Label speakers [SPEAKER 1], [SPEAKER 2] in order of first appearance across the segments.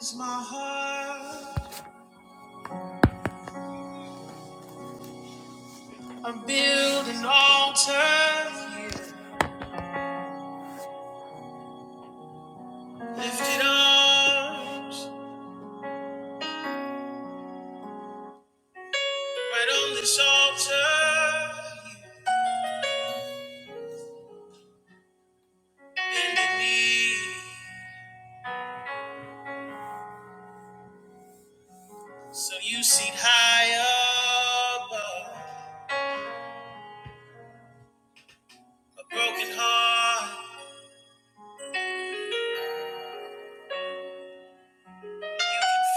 [SPEAKER 1] It's my heart. I'm building an altar. Lifted arms. Right on this altar. Bending knee. So you seat high above. A broken heart.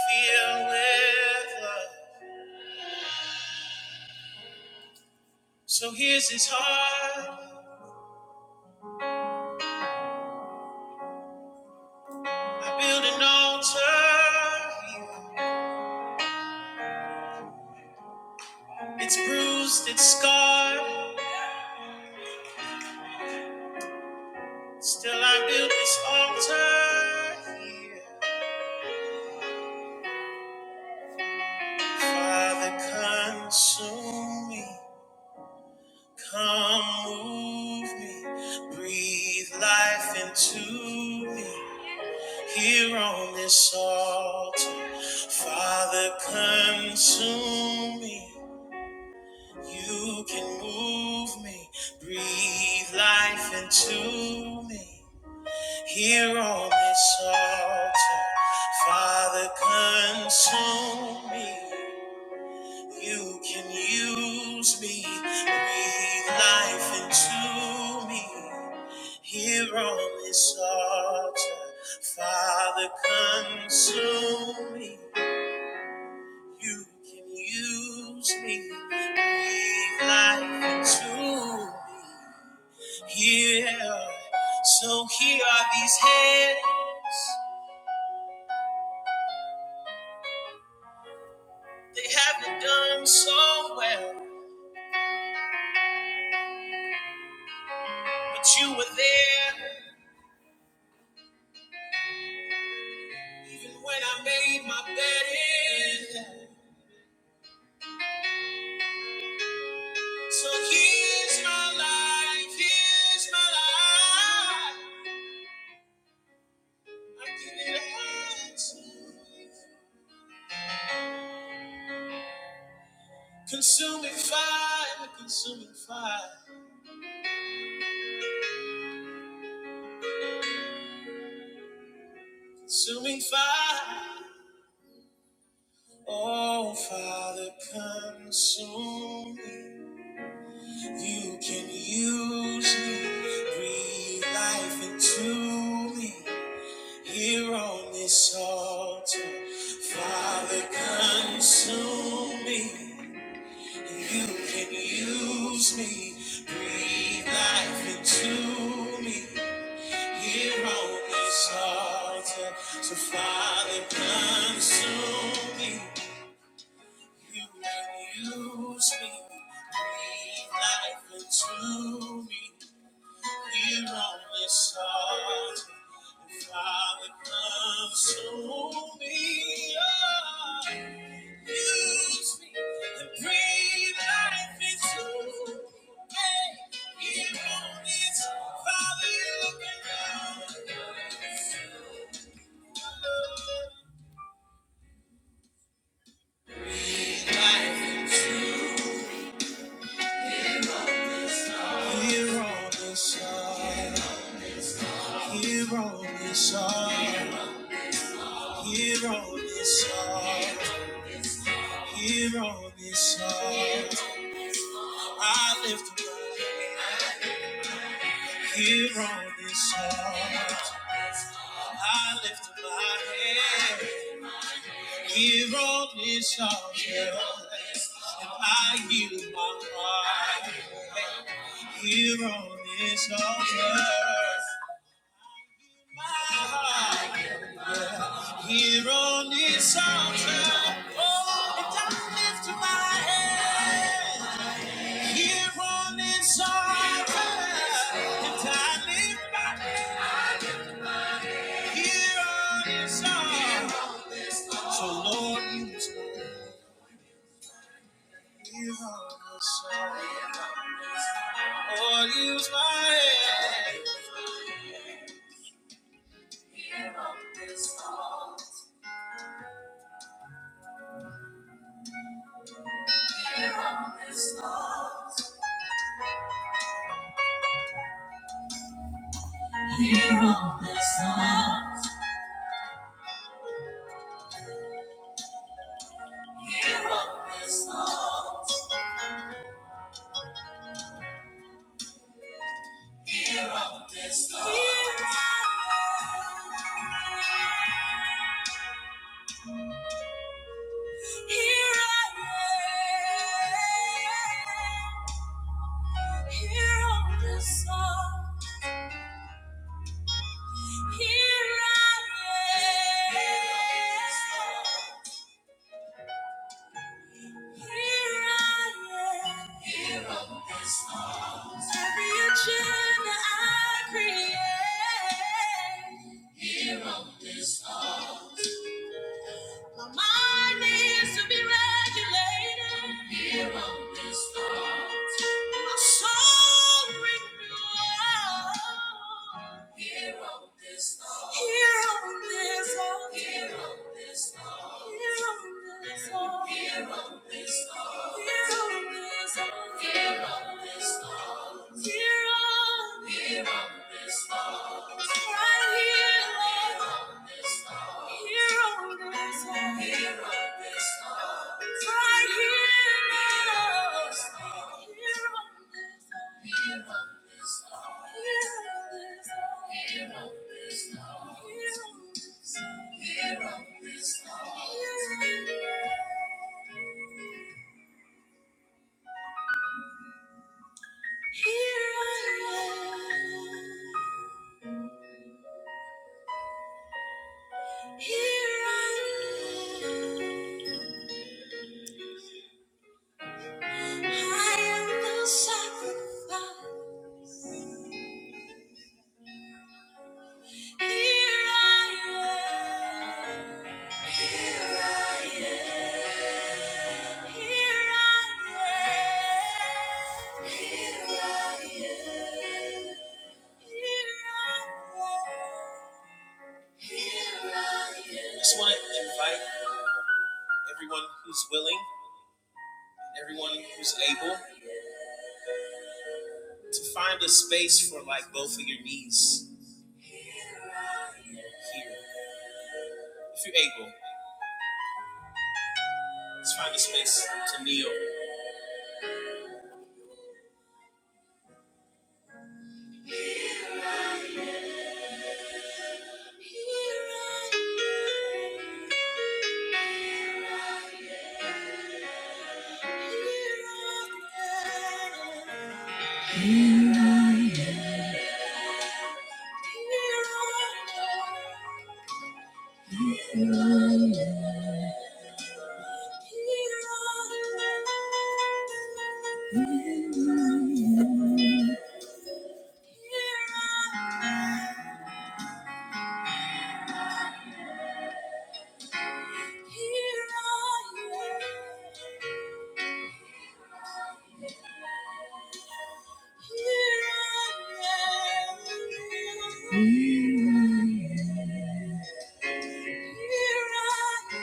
[SPEAKER 1] Filled with love. So here's his heart. I build an altar. It's bruised, it's scarred. Still I build this altar. here. Father, consume me. Come move me. Breathe life into me. Here on this altar. Father, consume me. You can move me. Breathe life into me. Here on this altar. Father, consume me. You can use me, breathe life into me. Here on this altar, Father, consume me. You can use me, breathe life into me. Here, so here are these hands. They haven't done so well, but you were there. Even when I made my bed in. So here's my life, here's my life. I give it all to you. Consuming fire, consuming fire, consuming fire. Oh, Father, consume me. You can use me, breathe life into me. Here on this altar, Father, consume me. You can use me, breathe life into me. Here on this altar, so Father, consume me. You can use me, breathe life into me. Here on this altar. Here on this earth, here on this earth, here on this earth, here on this earth, I lift up. Here on this altar, I lift up my head. Here on this altar, and I yield my heart. Here on this altar, my heart. Here on this altar, oh, and I lift up my head. Here on this altar, and I lift my Here on this earth. So Lord, use my here on this earth. Lord, use my head. Here on this earth. Here I am, here on this song. Here I am, here I am, here on this song. Every agenda I create, here on this song. My mind needs to be regulated. Here on this earth. My soul renewed. Here on this earth. Here on this earth. Here on this earth. Here on this earth. Here on this earth. Here on this earth. Here on this earth. Here on this earth. Here on here I am. Here I am, I am the sacrifice. Here I am, here I am, here I am, here I am, here I am. Here I am. I just want to invite everyone who's willing. Everyone who's able to find a space for like both of your knees here. If you're able, let's find a space to kneel. Here I am. Here I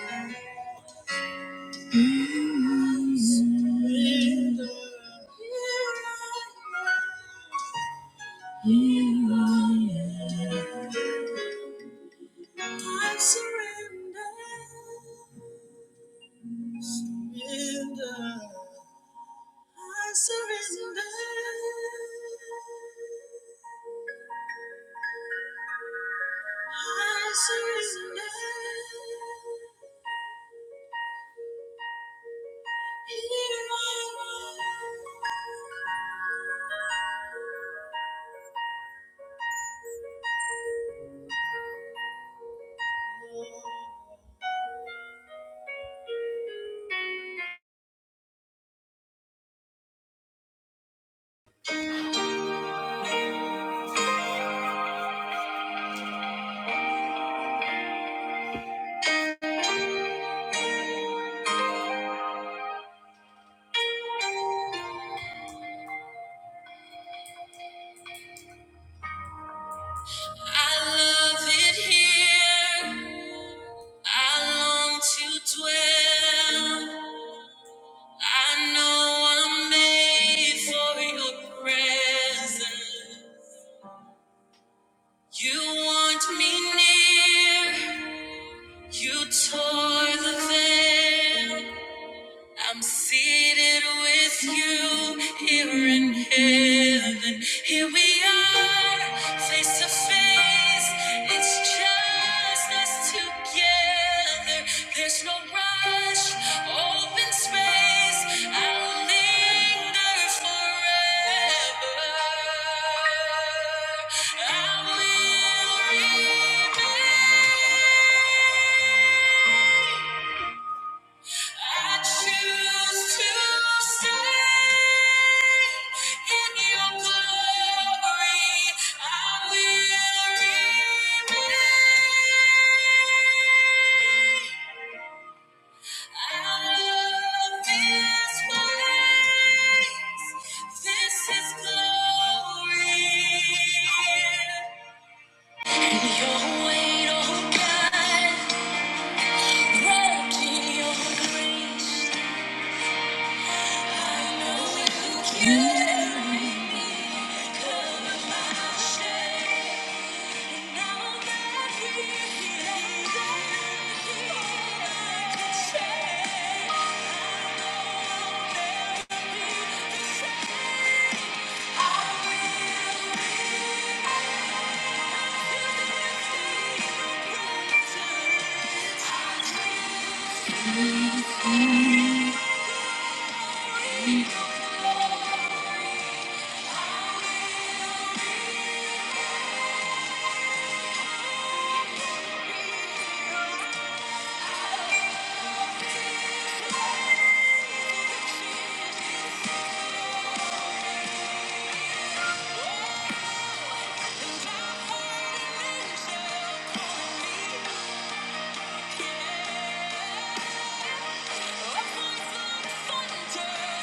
[SPEAKER 1] am. Dwell. I know I'm made for your presence. You want me near. You tore the veil. I'm seated with you here in heaven. Here we are, face to face. It's just us together. There's no rush, open space. I'll linger forever. I will remain. I choose to stay in your glory. I will remain. I love this place. This is glory. And your weight, oh God, wrapped in your grace. Thunder,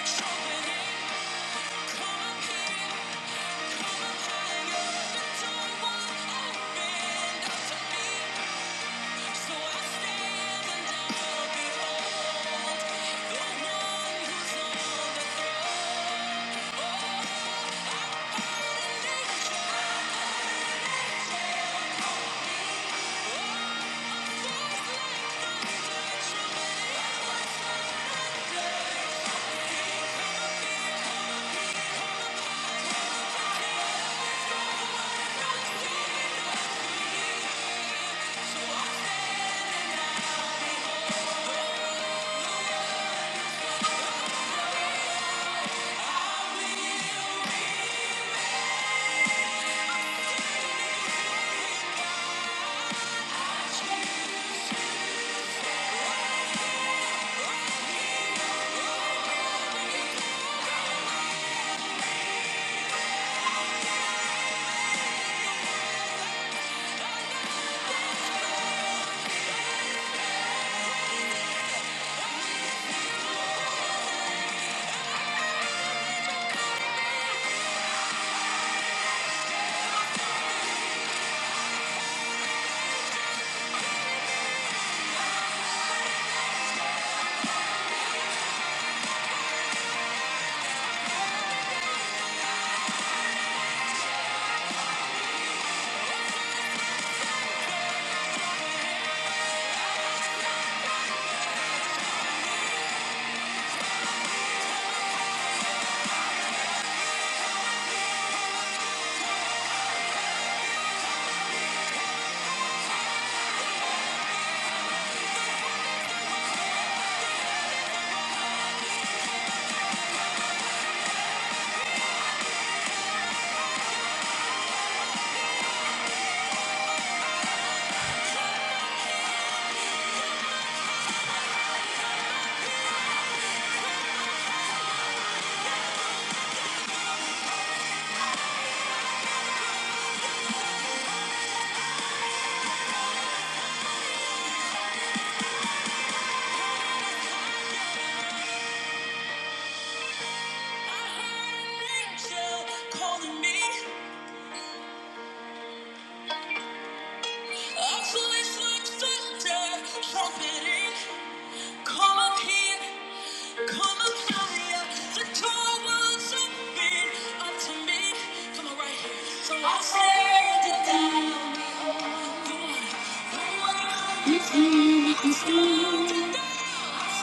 [SPEAKER 1] trumpet, and come Calling me Voice like thunder, trumpeting. Come up here, come up higher. The door was open up to me. Come on, right here. So I said it down. The one, the one. It's me, it's me. I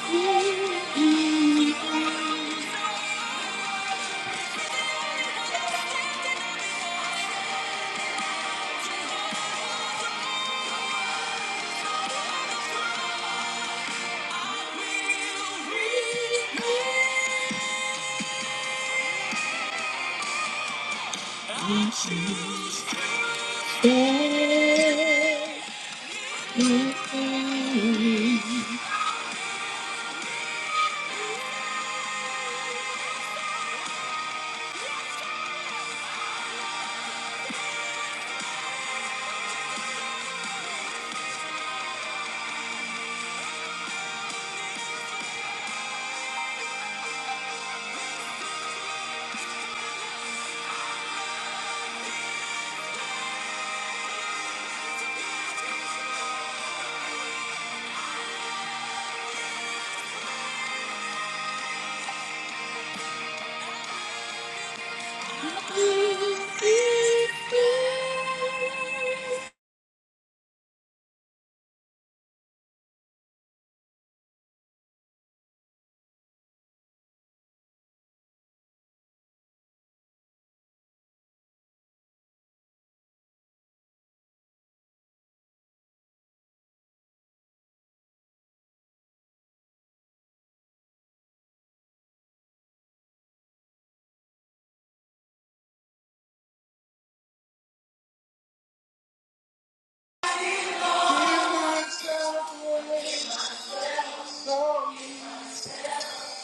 [SPEAKER 1] will remain. I Here I am to,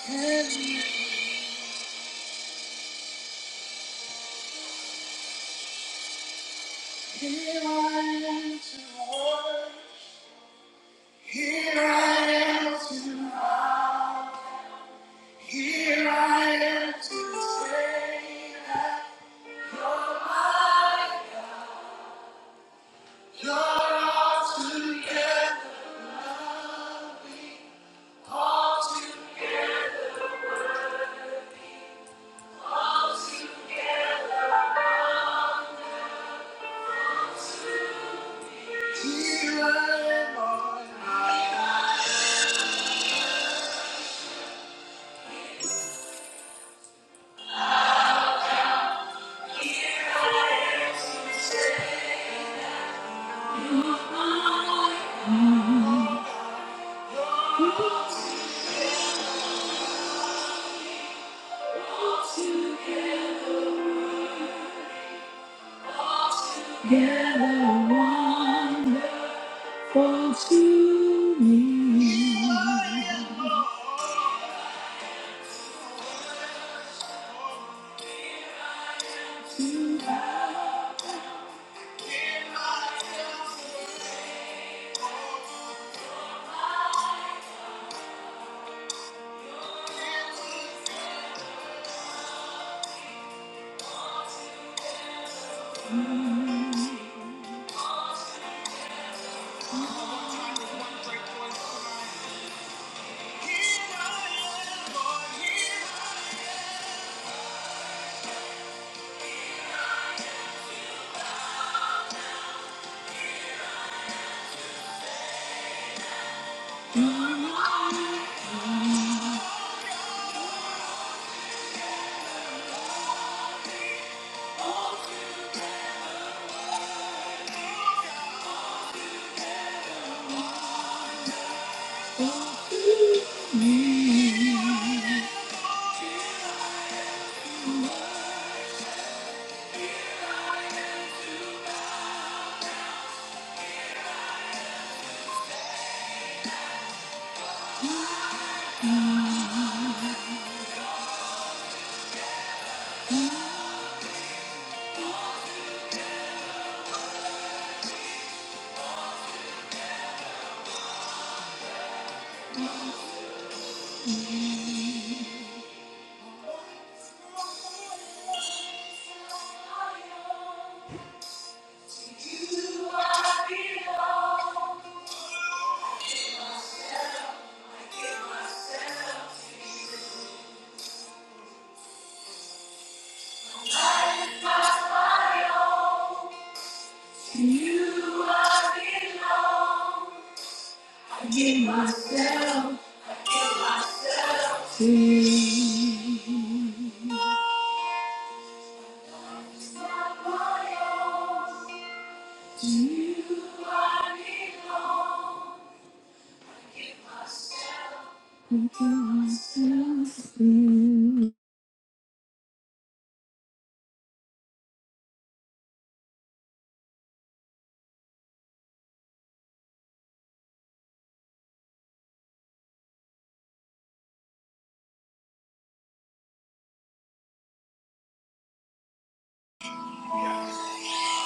[SPEAKER 1] here I am to say you Here I am, to say, Yeah.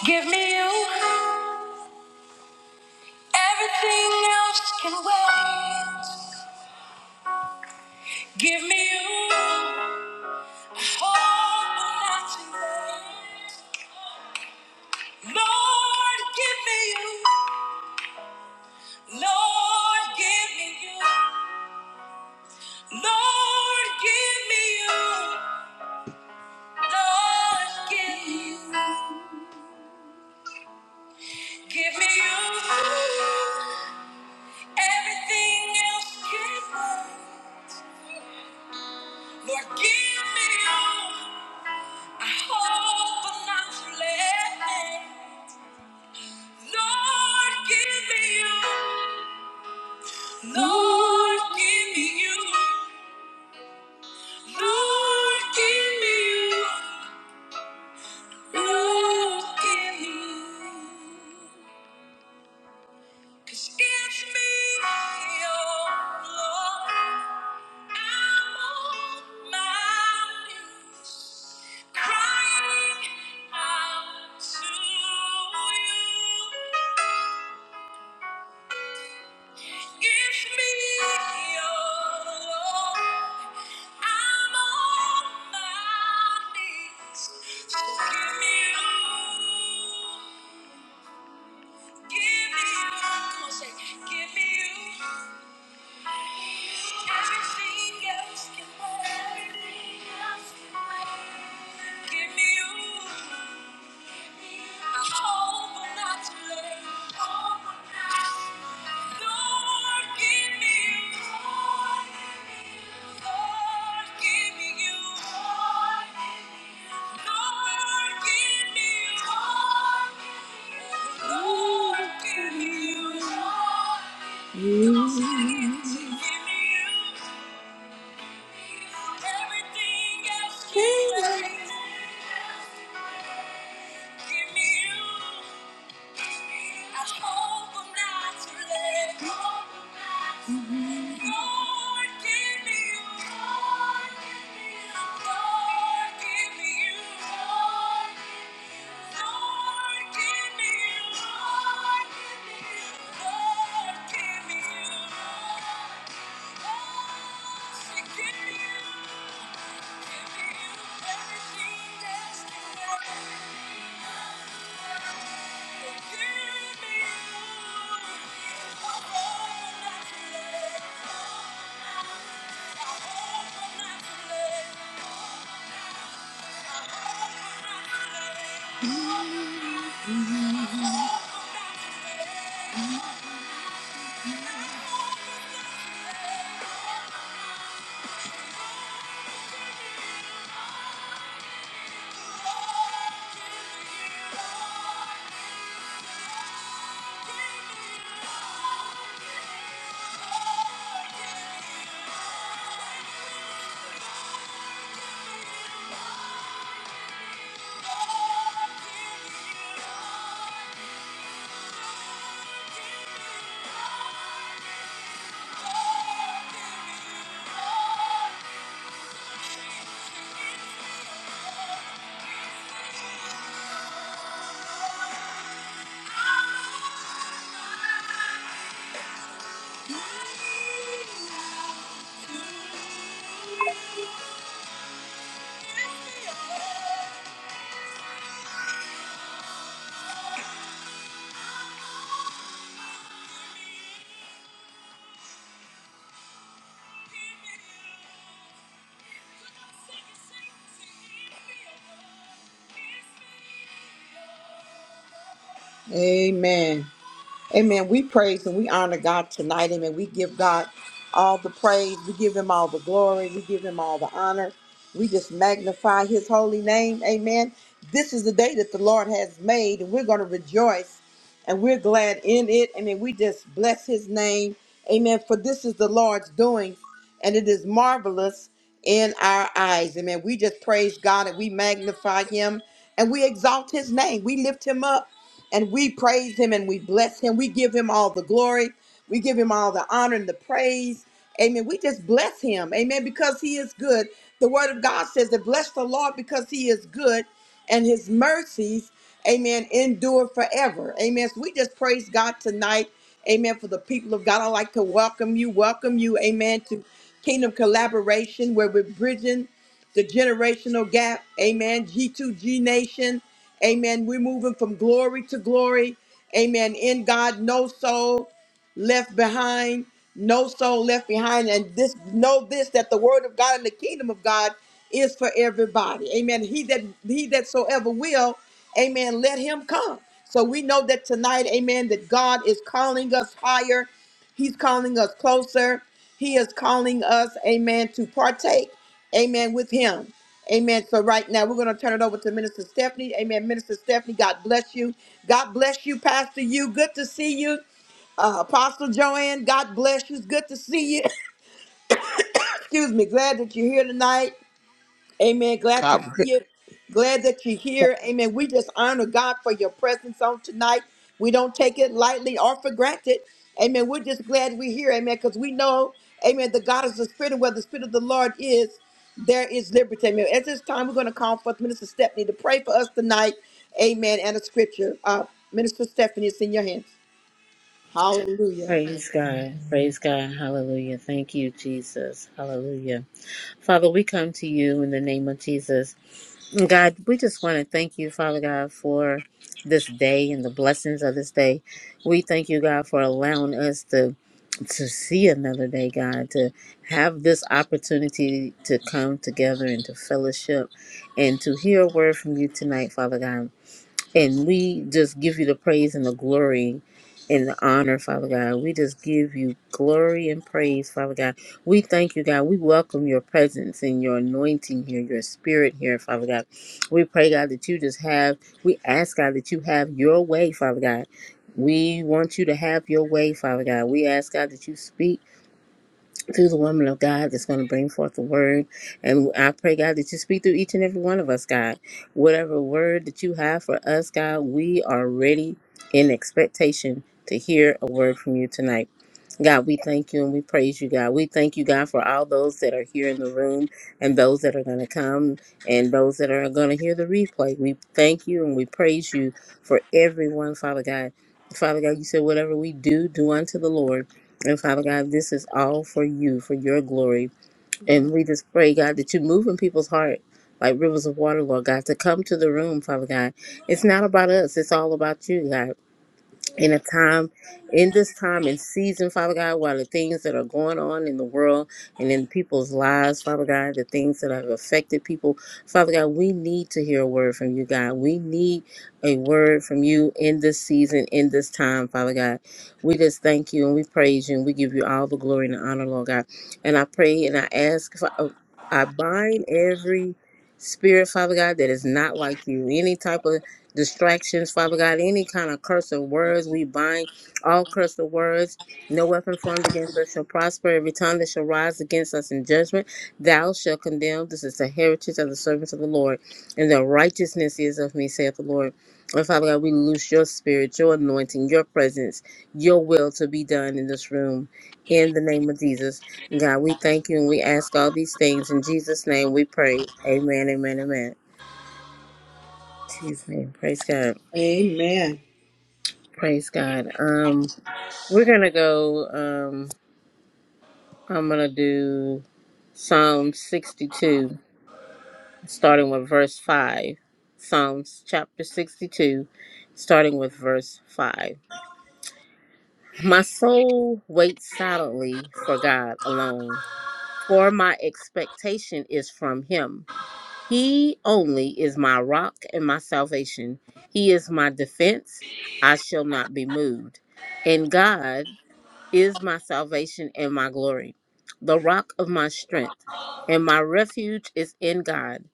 [SPEAKER 1] Give me you. Everything else can wait. Give me you, hope not to lose. Lord, give me you. Lord, give me you. Lord, give me you. Lord, give me you. Give me you. Everything else can wait. Lord, give me you. I hope I'm not too late. Lord, give me you. Lord, give me you. Lord, give me you. Lord, give me you. 'Cause it's me, oh Lord. I'm on my knees, crying out to you. It's me, all I'm on my knees. So give me you. Give me you. Come on, say, give me you. Everything else can wait. Give me you. Everything else can wait. Give me you. I hope I'm not too late. Lord, give me you. Lord, give me you. Lord, give me you. Lord, give me you. Lord, give me you. Lord, give me you. Amen. Amen. We praise and we honor God tonight. Amen. We give God all the praise. We give him all the glory. We give him all the honor. We just magnify his holy name. Amen. This is the day that the Lord has made, and we're going to rejoice and we're glad in it. Amen. We just bless his name. Amen. For this is the Lord's doing, and it is marvelous in our eyes. Amen. We just praise God and we magnify him and we exalt his name. We lift him up and we praise him and we bless him. We give him all the glory. We give him all the honor and the praise. Amen. We just bless him. Amen. Because he is good. The word of God says that bless the Lord because he is good and his mercies, amen, endure forever. Amen. So we just praise God tonight. Amen. For the people of God, I'd like to welcome you. Welcome you. Amen. To Kingdom Collaboration, where we're bridging the generational gap. Amen. G2G Nation. Amen. We're moving from glory to glory. Amen. In God, no soul left behind, no soul left behind. And this know this that the word of God and the kingdom of God is for everybody. Amen. He that he that so ever will, amen, let him come. So we know that tonight, amen, that God is calling us higher. He's calling us closer. He is calling us, amen, to partake, amen, with him. Amen. So right now we're going to turn it over to Minister Stephanie. Amen. Minister Stephanie, God bless you. God bless you, Pastor. You good to see you. Uh, Apostle Joanne, God bless you. It's good to see you. Excuse me. Glad that you're here tonight. Amen. Glad to see
[SPEAKER 2] God, good.
[SPEAKER 1] you. Glad that you're here. Amen. We just honor God for your presence on tonight. We don't take it lightly or for granted. Amen. We're just glad we're here. Amen. Because we know, amen, the God is the Spirit, and where the Spirit of the Lord is, there is liberty. Amen. At this time, we're going to call forth Minister Stephanie to pray for us tonight. Amen. And a scripture. Uh, Minister Stephanie, it's in your hands. Hallelujah.
[SPEAKER 3] Praise God. Praise God. Hallelujah. Thank you, Jesus. Hallelujah. Father, we come to you in the name of Jesus. God, we just want to thank you, Father God, for this day and the blessings of this day. We thank you, God, for allowing us to to see another day, God, to have this opportunity to come together and to fellowship and to hear a word from you tonight, Father God. And we just give you the praise and the glory and the honor, Father God. We just give you glory and praise, Father God. We thank you, God. We welcome your presence and your anointing here, your spirit here, Father God. We pray, God, that you just have, we ask, God, that you have your way, Father God. We want you to have your way, Father God. We ask, God, that you speak through the woman of God that's going to bring forth the word. And I pray, God, that you speak through each and every one of us, God. Whatever word that you have for us, God, we are ready in expectation to hear a word from you tonight. God, we thank you and we praise you, God. We thank you, God, for all those that are here in the room and those that are going to come and those that are going to hear the replay. We thank you and we praise you for everyone, Father God. Father God, you said, whatever we do, do unto the Lord. And Father God, this is all for you, for your glory. And we just pray, God, that you move in people's heart like rivers of water, Lord God, to come to the room, Father God. It's not about us, it's all about you, God in a time in this time and season, Father God, while the things that are going on in the world and in people's lives, Father God, the things that have affected people, Father God, we need to hear a word from you, God. We need a word from you in this season, in this time, Father God. We just thank you and we praise you and we give you all the glory and the honor, Lord God. And I pray and I ask, Fa- uh, I bind every spirit, Father God, that is not like you. Any type of distractions, Father God, any kind of cursive words, we bind all cursive words. No weapon formed against us shall prosper. Every tongue that shall rise against us in judgment, thou shalt condemn. This is the heritage of the servants of the Lord, and the righteousness is of me, saith the Lord. And Father God, we loose your spirit, your anointing, your presence, your will to be done in this room. In the name of Jesus, God, we thank you and we ask all these things. In Jesus' name we pray. Amen, amen, amen. In Jesus' name, praise God.
[SPEAKER 1] Amen.
[SPEAKER 3] Praise God. Um, we're gonna go. Um, I'm gonna do Psalm 62, starting with verse five. Psalms chapter 62, starting with verse five. My soul waits silently for God alone, for my expectation is from Him. He only is my rock and my salvation. He is my defense. I shall not be moved. In God. is my salvation and my glory, the rock of my strength, and my refuge is in God.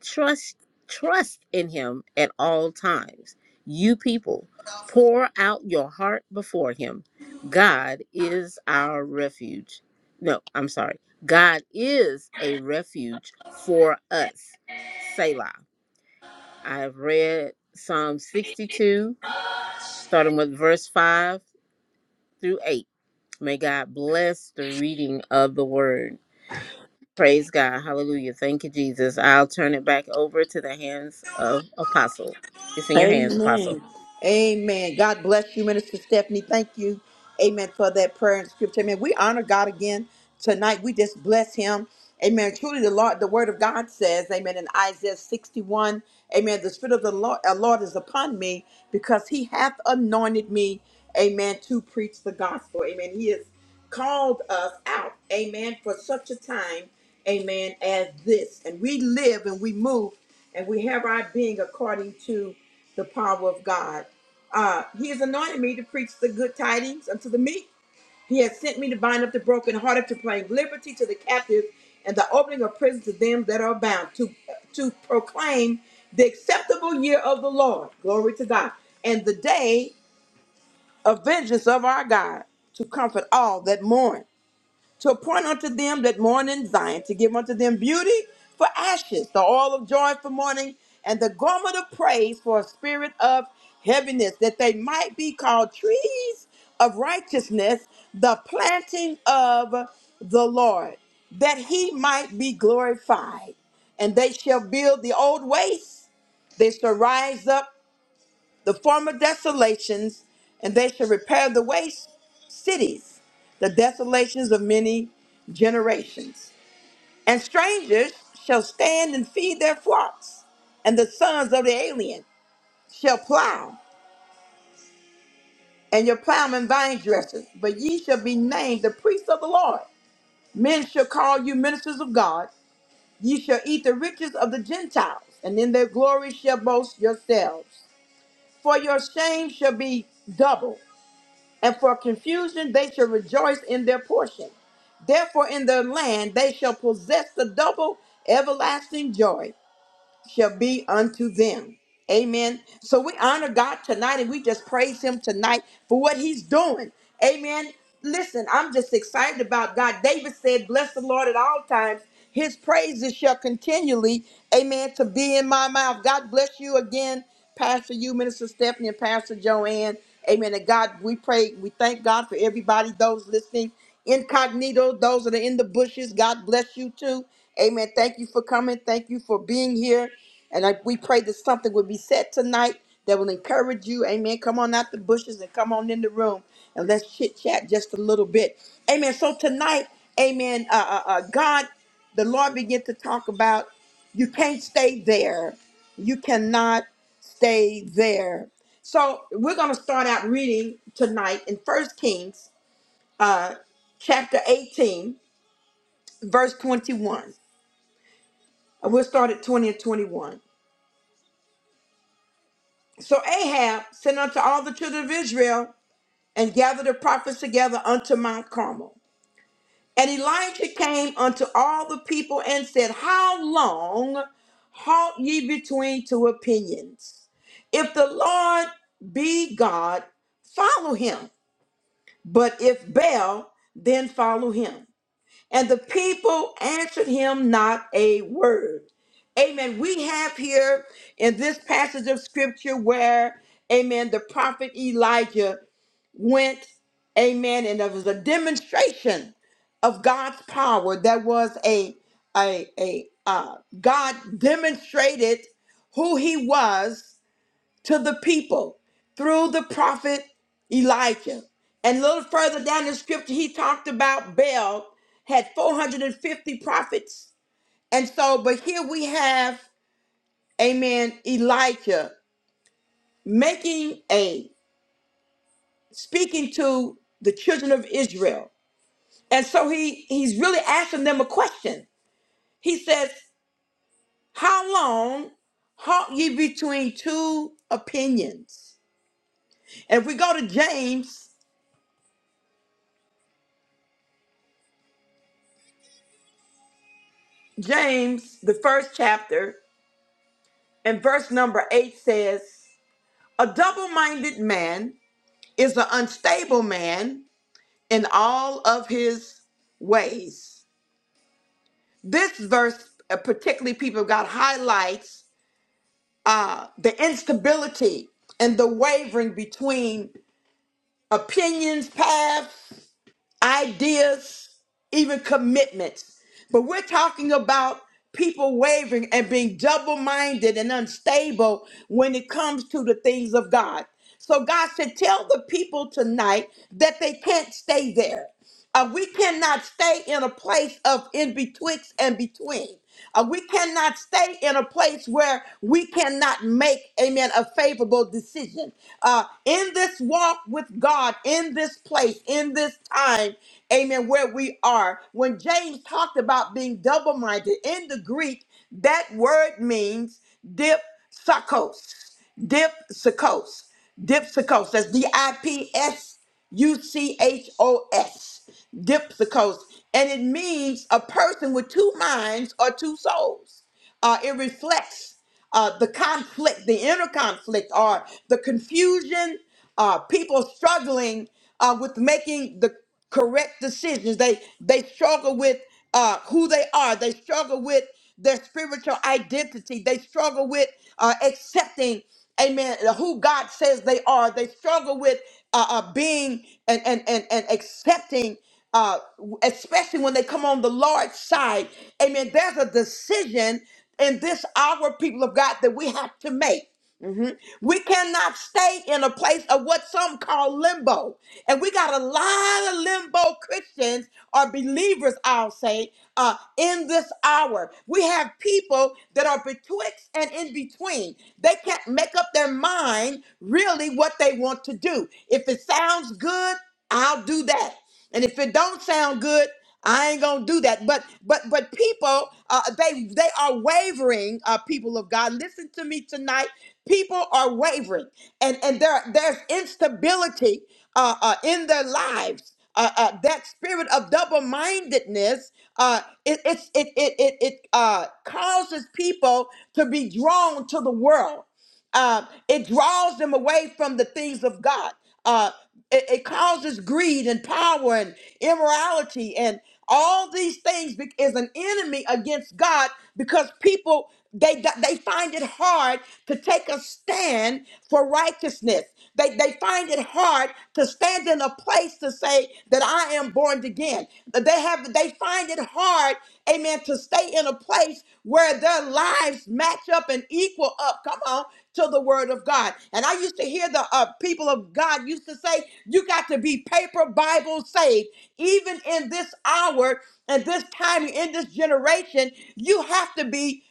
[SPEAKER 3] Trust trust in him at all times. You people, pour out your heart before him. God is our refuge. No, I'm sorry. God is a refuge for us. Selah. I have read Psalm 62, starting with verse 5 through 8. May God bless the reading of the word. Praise God. Hallelujah. Thank you, Jesus. I'll turn it back over to the hands of Apostle. It's in your hands, Apostle.
[SPEAKER 1] Amen. Amen. God bless you, Minister Stephanie. Thank you. Amen for that prayer and scripture. Amen. We honor God again tonight. We just bless him. Amen. Truly the Lord, the word of God says, Amen, in Isaiah 61, Amen. The Spirit of the Lord, our Lord is upon me because he hath anointed me, Amen, to preach the gospel. Amen. He has called us out, Amen, for such a time, Amen, as this. And we live and we move and we have our being according to the power of God. Uh, he has anointed me to preach the good tidings unto the meek. He has sent me to bind up the brokenhearted, to proclaim liberty to the captives, and the opening of prison to them that are bound, to to proclaim the acceptable year of the Lord. Glory to God. And the day of vengeance of our God, to comfort all that mourn to appoint unto them that mourn in Zion, to give unto them beauty for ashes, the oil of joy for mourning, and the garment of praise for a spirit of heaviness, that they might be called trees of righteousness, the planting of the Lord, that he might be glorified. And they shall build the old waste, they shall rise up the former desolations, and they shall repair the waste cities, the desolations of many generations. And strangers shall stand and feed their flocks, and the sons of the alien shall plow, and your plowmen vine dressers. But ye shall be named the priests of the Lord. Men shall call you ministers of God. Ye shall eat the riches of the Gentiles, and in their glory shall boast yourselves. For your shame shall be double, and for confusion they shall rejoice in their portion. Therefore, in their land they shall possess the double everlasting joy shall be unto them. Amen. So we honor God tonight and we just praise Him tonight for what He's doing. Amen. Listen, I'm just excited about God. David said, Bless the Lord at all times. His praises shall continually, amen, to be in my mouth. God bless you again, Pastor you, Minister Stephanie, and Pastor Joanne. Amen. And God, we pray, we thank God for everybody, those listening incognito, those that are in the bushes. God bless you too. Amen. Thank you for coming. Thank you for being here. And I, we pray that something will be said tonight that will encourage you. Amen. Come on out the bushes and come on in the room and let's chit chat just a little bit. Amen. So tonight, amen. Uh, uh, uh, God, the Lord began to talk about you can't stay there. You cannot stay there. So we're going to start out reading tonight in First Kings uh, chapter 18, verse 21. We'll start at 20 and 21. So Ahab sent unto all the children of Israel and gathered the prophets together unto Mount Carmel. And Elijah came unto all the people and said, How long halt ye between two opinions? If the Lord be God, follow him. But if Baal, then follow him. And the people answered him not a word. Amen. We have here in this passage of scripture where, amen, the prophet Elijah went, amen, and there was a demonstration of God's power. There was a, a, a, uh, God demonstrated who he was to the people through the prophet Elijah. And a little further down the scripture, he talked about Baal had 450 prophets. And so, but here we have, amen, Elijah making a speaking to the children of Israel. And so he he's really asking them a question. He says, How long halt ye between two opinions? And if we go to James James, the first chapter, and verse number eight says, A double minded man is an unstable man in all of his ways. This verse, uh, particularly people of God, highlights uh, the instability and the wavering between opinions, paths, ideas, even commitments. But we're talking about people wavering and being double minded and unstable when it comes to the things of God. So God said, Tell the people tonight that they can't stay there. Uh, we cannot stay in a place of in betwixt and between. Uh, we cannot stay in a place where we cannot make, amen, a favorable decision. Uh, in this walk with God, in this place, in this time, time, amen, where we are. When James talked about being double minded, in the Greek, that word means dipsakos, dipsakos, dipsakos. That's D I P S U C H O S, dipsakos. And it means a person with two minds or two souls. Uh, it reflects uh, the conflict, the inner conflict, or the confusion, uh, people struggling uh, with making the correct decisions. They they struggle with uh, who they are. They struggle with their spiritual identity. They struggle with uh, accepting, amen, who God says they are. They struggle with uh, uh, being and, and, and, and accepting, uh, especially when they come on the Lord's side. Amen. There's a decision in this hour, people of God, that we have to make. Mhm. We cannot stay in a place of what some call limbo. And we got a lot of limbo Christians or believers, I'll say, uh, in this hour. We have people that are betwixt and in between. They can't make up their mind really what they want to do. If it sounds good, I'll do that. And if it don't sound good, I ain't gonna do that. But but but people, uh, they they are wavering. Uh, people of God, listen to me tonight. People are wavering, and and there there's instability uh, uh, in their lives. Uh, uh, that spirit of double-mindedness, uh, it, it's it it it it uh, causes people to be drawn to the world. Uh, it draws them away from the things of God. Uh, it, it causes greed and power and immorality and all these things be- is an enemy against God because people they they find it hard to take a stand for righteousness. They, they find it hard to stand in a place to say that I am born again. They have they find it hard, amen, to stay in a place where their lives match up and equal up. Come on, to the word of God. And I used to hear the uh, people of God used to say, "You got to be paper Bible saved." Even in this hour and this time in this generation, you have to be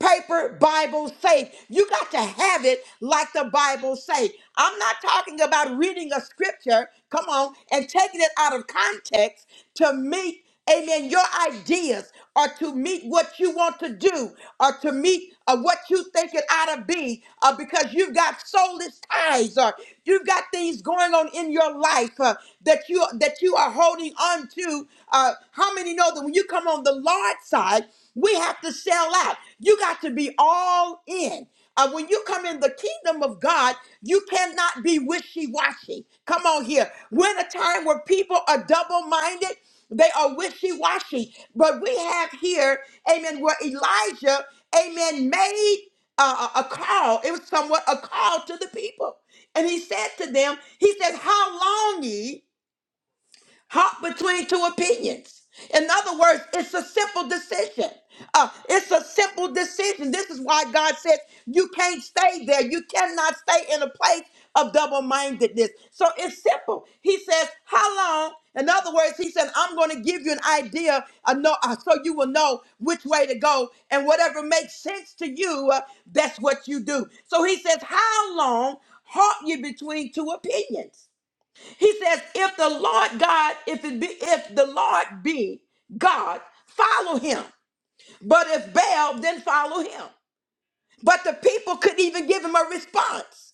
[SPEAKER 1] paper Bible faith. You got to have it like the Bible say. I'm not talking about reading a scripture, come on, and taking it out of context to meet, amen, your ideas or to meet what you want to do or to meet uh, what you think it ought to be uh, because you've got soulless ties or you've got things going on in your life uh, that you that you are holding on to. Uh, how many know that when you come on the Lord's side, we have to sell out. You got to be all in. Uh, when you come in the kingdom of God, you cannot be wishy washy. Come on here. We're in a time where people are double minded, they are wishy washy. But we have here, amen, where Elijah, amen, made uh, a a call. It was somewhat a call to the people. And he said to them, He said, How long ye? hop between two opinions. In other words, it's a simple decision. Uh, it's a simple decision. This is why God says you can't stay there. You cannot stay in a place of double mindedness. So it's simple. He says, How long? In other words, he said, I'm going to give you an idea uh, no, uh, so you will know which way to go. And whatever makes sense to you, uh, that's what you do. So he says, How long halt you between two opinions? He says, if the Lord God, if it be, if the Lord be God, follow him. But if Baal, then follow him. But the people couldn't even give him a response.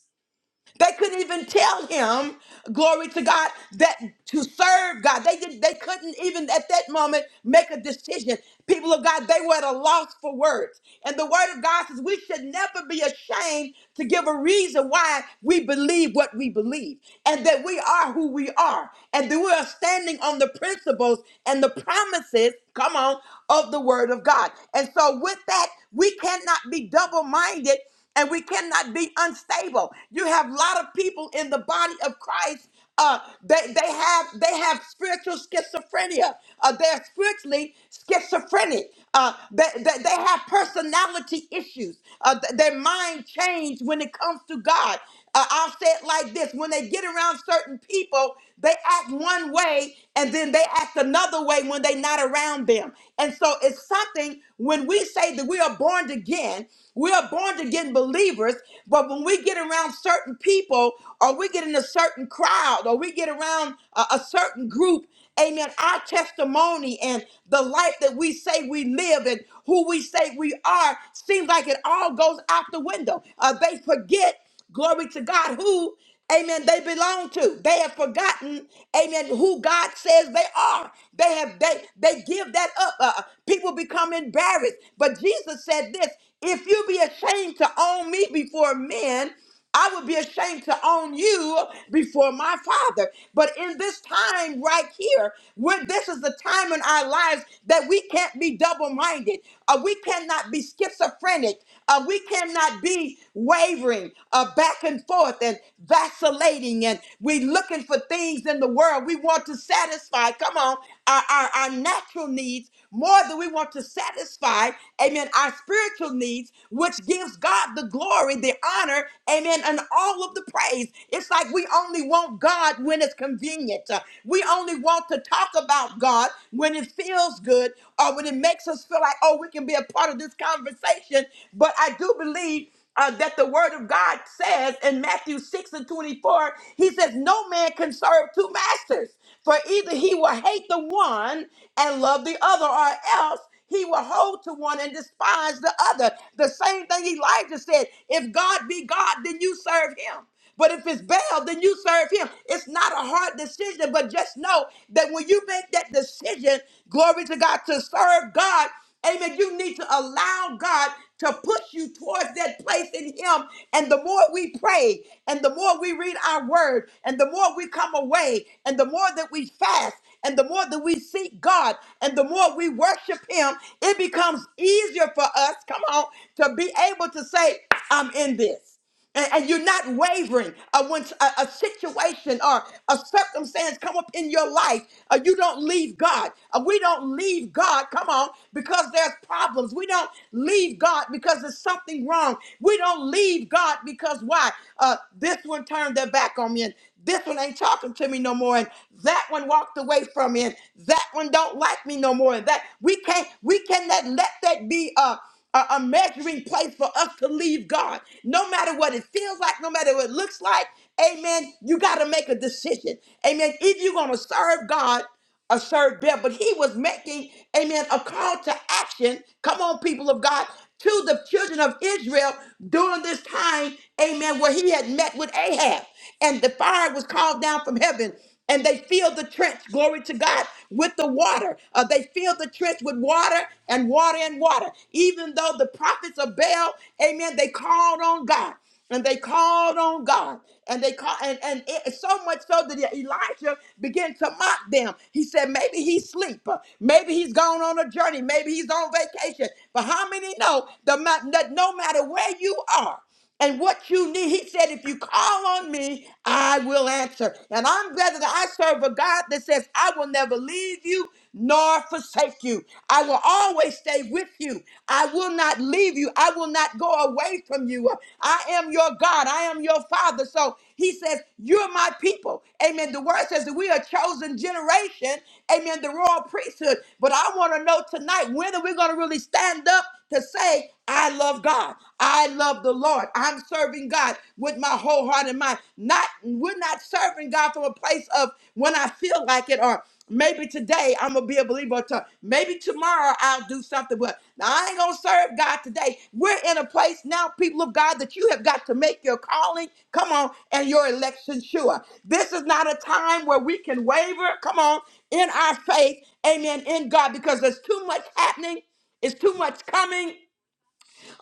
[SPEAKER 1] They couldn't even tell him, glory to God, that to serve God. They did they couldn't even at that moment make a decision. People of God, they were at a loss for words. And the word of God says we should never be ashamed to give a reason why we believe what we believe and that we are who we are and that we are standing on the principles and the promises, come on, of the word of God. And so with that, we cannot be double-minded and we cannot be unstable. You have a lot of people in the body of Christ. Uh, they they have they have spiritual schizophrenia. Uh, they're spiritually schizophrenic. Uh, they, they, they have personality issues. Uh, th- their mind changed when it comes to God. Uh, I'll say it like this when they get around certain people, they act one way and then they act another way when they're not around them. And so it's something when we say that we are born again, we are born again believers, but when we get around certain people or we get in a certain crowd or we get around a, a certain group, amen, our testimony and the life that we say we live and who we say we are seems like it all goes out the window. Uh, they forget glory to God, who, amen, they belong to. They have forgotten, amen, who God says they are. They have, they, they give that up. Uh, people become embarrassed. But Jesus said this, if you be ashamed to own me before men, I would be ashamed to own you before my father. But in this time right here, where this is the time in our lives that we can't be double minded, uh, we cannot be schizophrenic, uh, we cannot be wavering uh, back and forth and vacillating, and we looking for things in the world. We want to satisfy, come on, our, our, our natural needs more than we want to satisfy, amen, our spiritual needs, which gives God the glory, the honor, amen, and all of the praise. It's like we only want God when it's convenient. Uh, We only want to talk about God when it feels good or when it makes us feel like, oh, we can be a part of this conversation. But I do believe uh, that the word of God says in Matthew 6 and 24, he says, No man can serve two masters. For either he will hate the one and love the other, or else he will hold to one and despise the other. The same thing Elijah said if God be God, then you serve him. But if it's Baal, then you serve him. It's not a hard decision, but just know that when you make that decision, glory to God, to serve God, Amen. You need to allow God to push you towards that place in Him. And the more we pray, and the more we read our word, and the more we come away, and the more that we fast, and the more that we seek God, and the more we worship Him, it becomes easier for us, come on, to be able to say, I'm in this and, and you're not wavering uh, when s- a, a situation or a circumstance come up in your life uh, you don't leave god Uh, we don't leave god come on because there's problems we don't leave god because there's something wrong we don't leave god because why uh, this one turned their back on me and this one ain't talking to me no more and that one walked away from me and that one don't like me no more and that we can't we cannot let that be Uh, a, a measuring place for us to leave God. No matter what it feels like, no matter what it looks like, amen, you got to make a decision. Amen. If you're going to serve God, a serve them, but he was making, amen, a call to action. Come on, people of God, to the children of Israel during this time, amen, where he had met with Ahab and the fire was called down from heaven and they filled the trench, glory to God, with the water. Uh, they filled the trench with water and water and water. Even though the prophets of Baal, amen, they called on God and they called on God, and they call, and and it, so much so that Elijah began to mock them. He said, "Maybe he's asleep. uh, Maybe he's gone on a journey. Maybe he's on vacation." But how many know the ma- that no matter where you are? and what you need. He said, if you call on me, I will answer. And I'm glad that I serve a God that says, I will never leave you nor forsake you. I will always stay with you. I will not leave you. I will not go away from you. I am your God. I am your Father. So he says, You're my people. Amen. The word says that we are chosen generation. Amen. The royal priesthood. But I want to know tonight, when are we going to really stand up? to say, I love God. I love the Lord. I'm serving God with my whole heart and mind. Not we're not serving God from a place of when I feel like it or maybe today I'm gonna be a believer. Or to, maybe tomorrow I'll do something, but I ain't gonna serve God today. We're in a place now, people of God, that you have got to make your calling, come on, and your election sure. This is not a time where we can waver, come on, in our faith, amen, in God, because there's too much happening. It's too much coming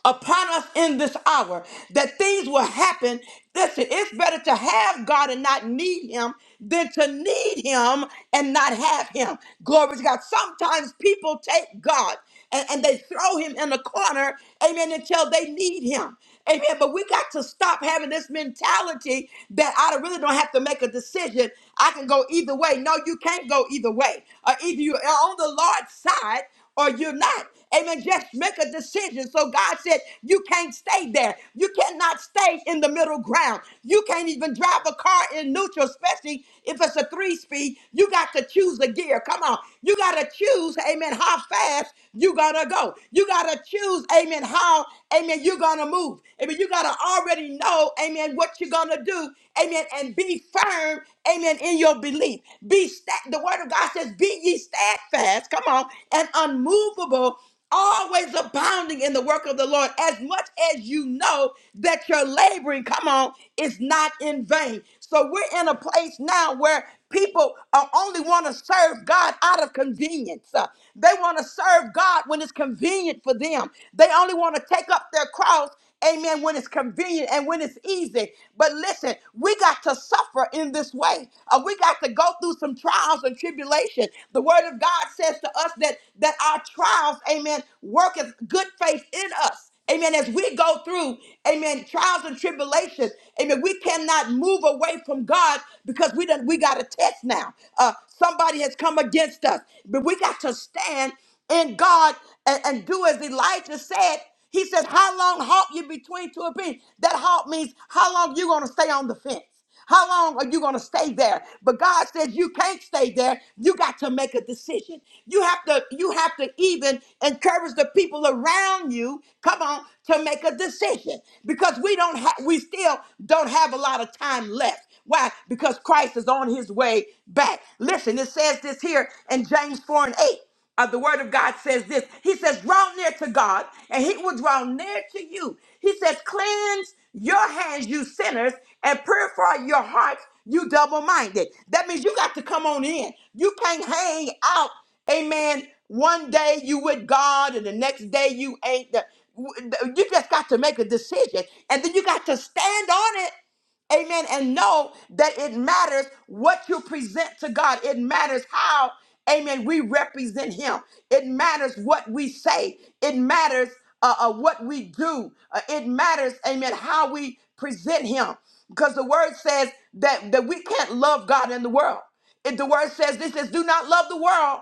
[SPEAKER 1] upon us in this hour that things will happen. Listen, it's better to have God and not need Him than to need Him and not have Him. Glory to God. Sometimes people take God and, and they throw Him in the corner, amen, until they need Him. Amen. But we got to stop having this mentality that I really don't have to make a decision. I can go either way. No, you can't go either way. Or either you're on the Lord's side or you're not. Amen. Just make a decision. So God said, You can't stay there. You cannot stay in the middle ground. You can't even drive a car in neutral, especially if it's a three speed. You got to choose the gear. Come on. You got to choose, amen, how fast you got to go. You got to choose, amen, how, Amen. You're going to move. Amen. You got to already know, amen, what you're going to do. Amen. And be firm, amen, in your belief. Be sta The word of God says, be ye steadfast. Come on. And unmovable always abounding in the work of the Lord, as much as you know that your laboring, come on, is not in vain. So we're in a place now where people uh, only want to serve God out of convenience. Uh, they want to serve God. God when it's convenient for them. They only want to take up their cross, amen, when it's convenient and when it's easy. But listen, we got to suffer in this way. Uh, we got to go through some trials and tribulation. The word of God says to us that, that our trials, amen, worketh good faith in us. Amen. As we go through, amen, trials and tribulations, amen, we cannot move away from God because we done, we got a test now. Uh, somebody has come against us, but we got to stand in God and, and do as Elijah said. He said, How long halt you between two opinions? That halt means how long you gonna stay on the fence? How long are you gonna stay there? But God says you can't stay there. You got to make a decision. You have to, you have to even encourage the people around you, come on, to make a decision. Because we don't have we still don't have a lot of time left. Why? Because Christ is on his way back. Listen, it says this here in James 4 and 8 uh, the word of God says this. He says, draw near to God, and he will draw near to you. He says, cleanse your hands, you sinners, and purify your hearts, you double-minded. That means you got to come on in. You can't hang out, amen. One day you with God, and the next day you ain't. The- you just got to make a decision, and then you got to stand on it Amen. And know that it matters what you present to God. It matters how, amen, we represent Him. It matters what we say. It matters uh, uh, what we do. Uh, it matters, amen, how we present Him. Because the word says that, that we can't love God in the world. It, the word says this says, do not love the world.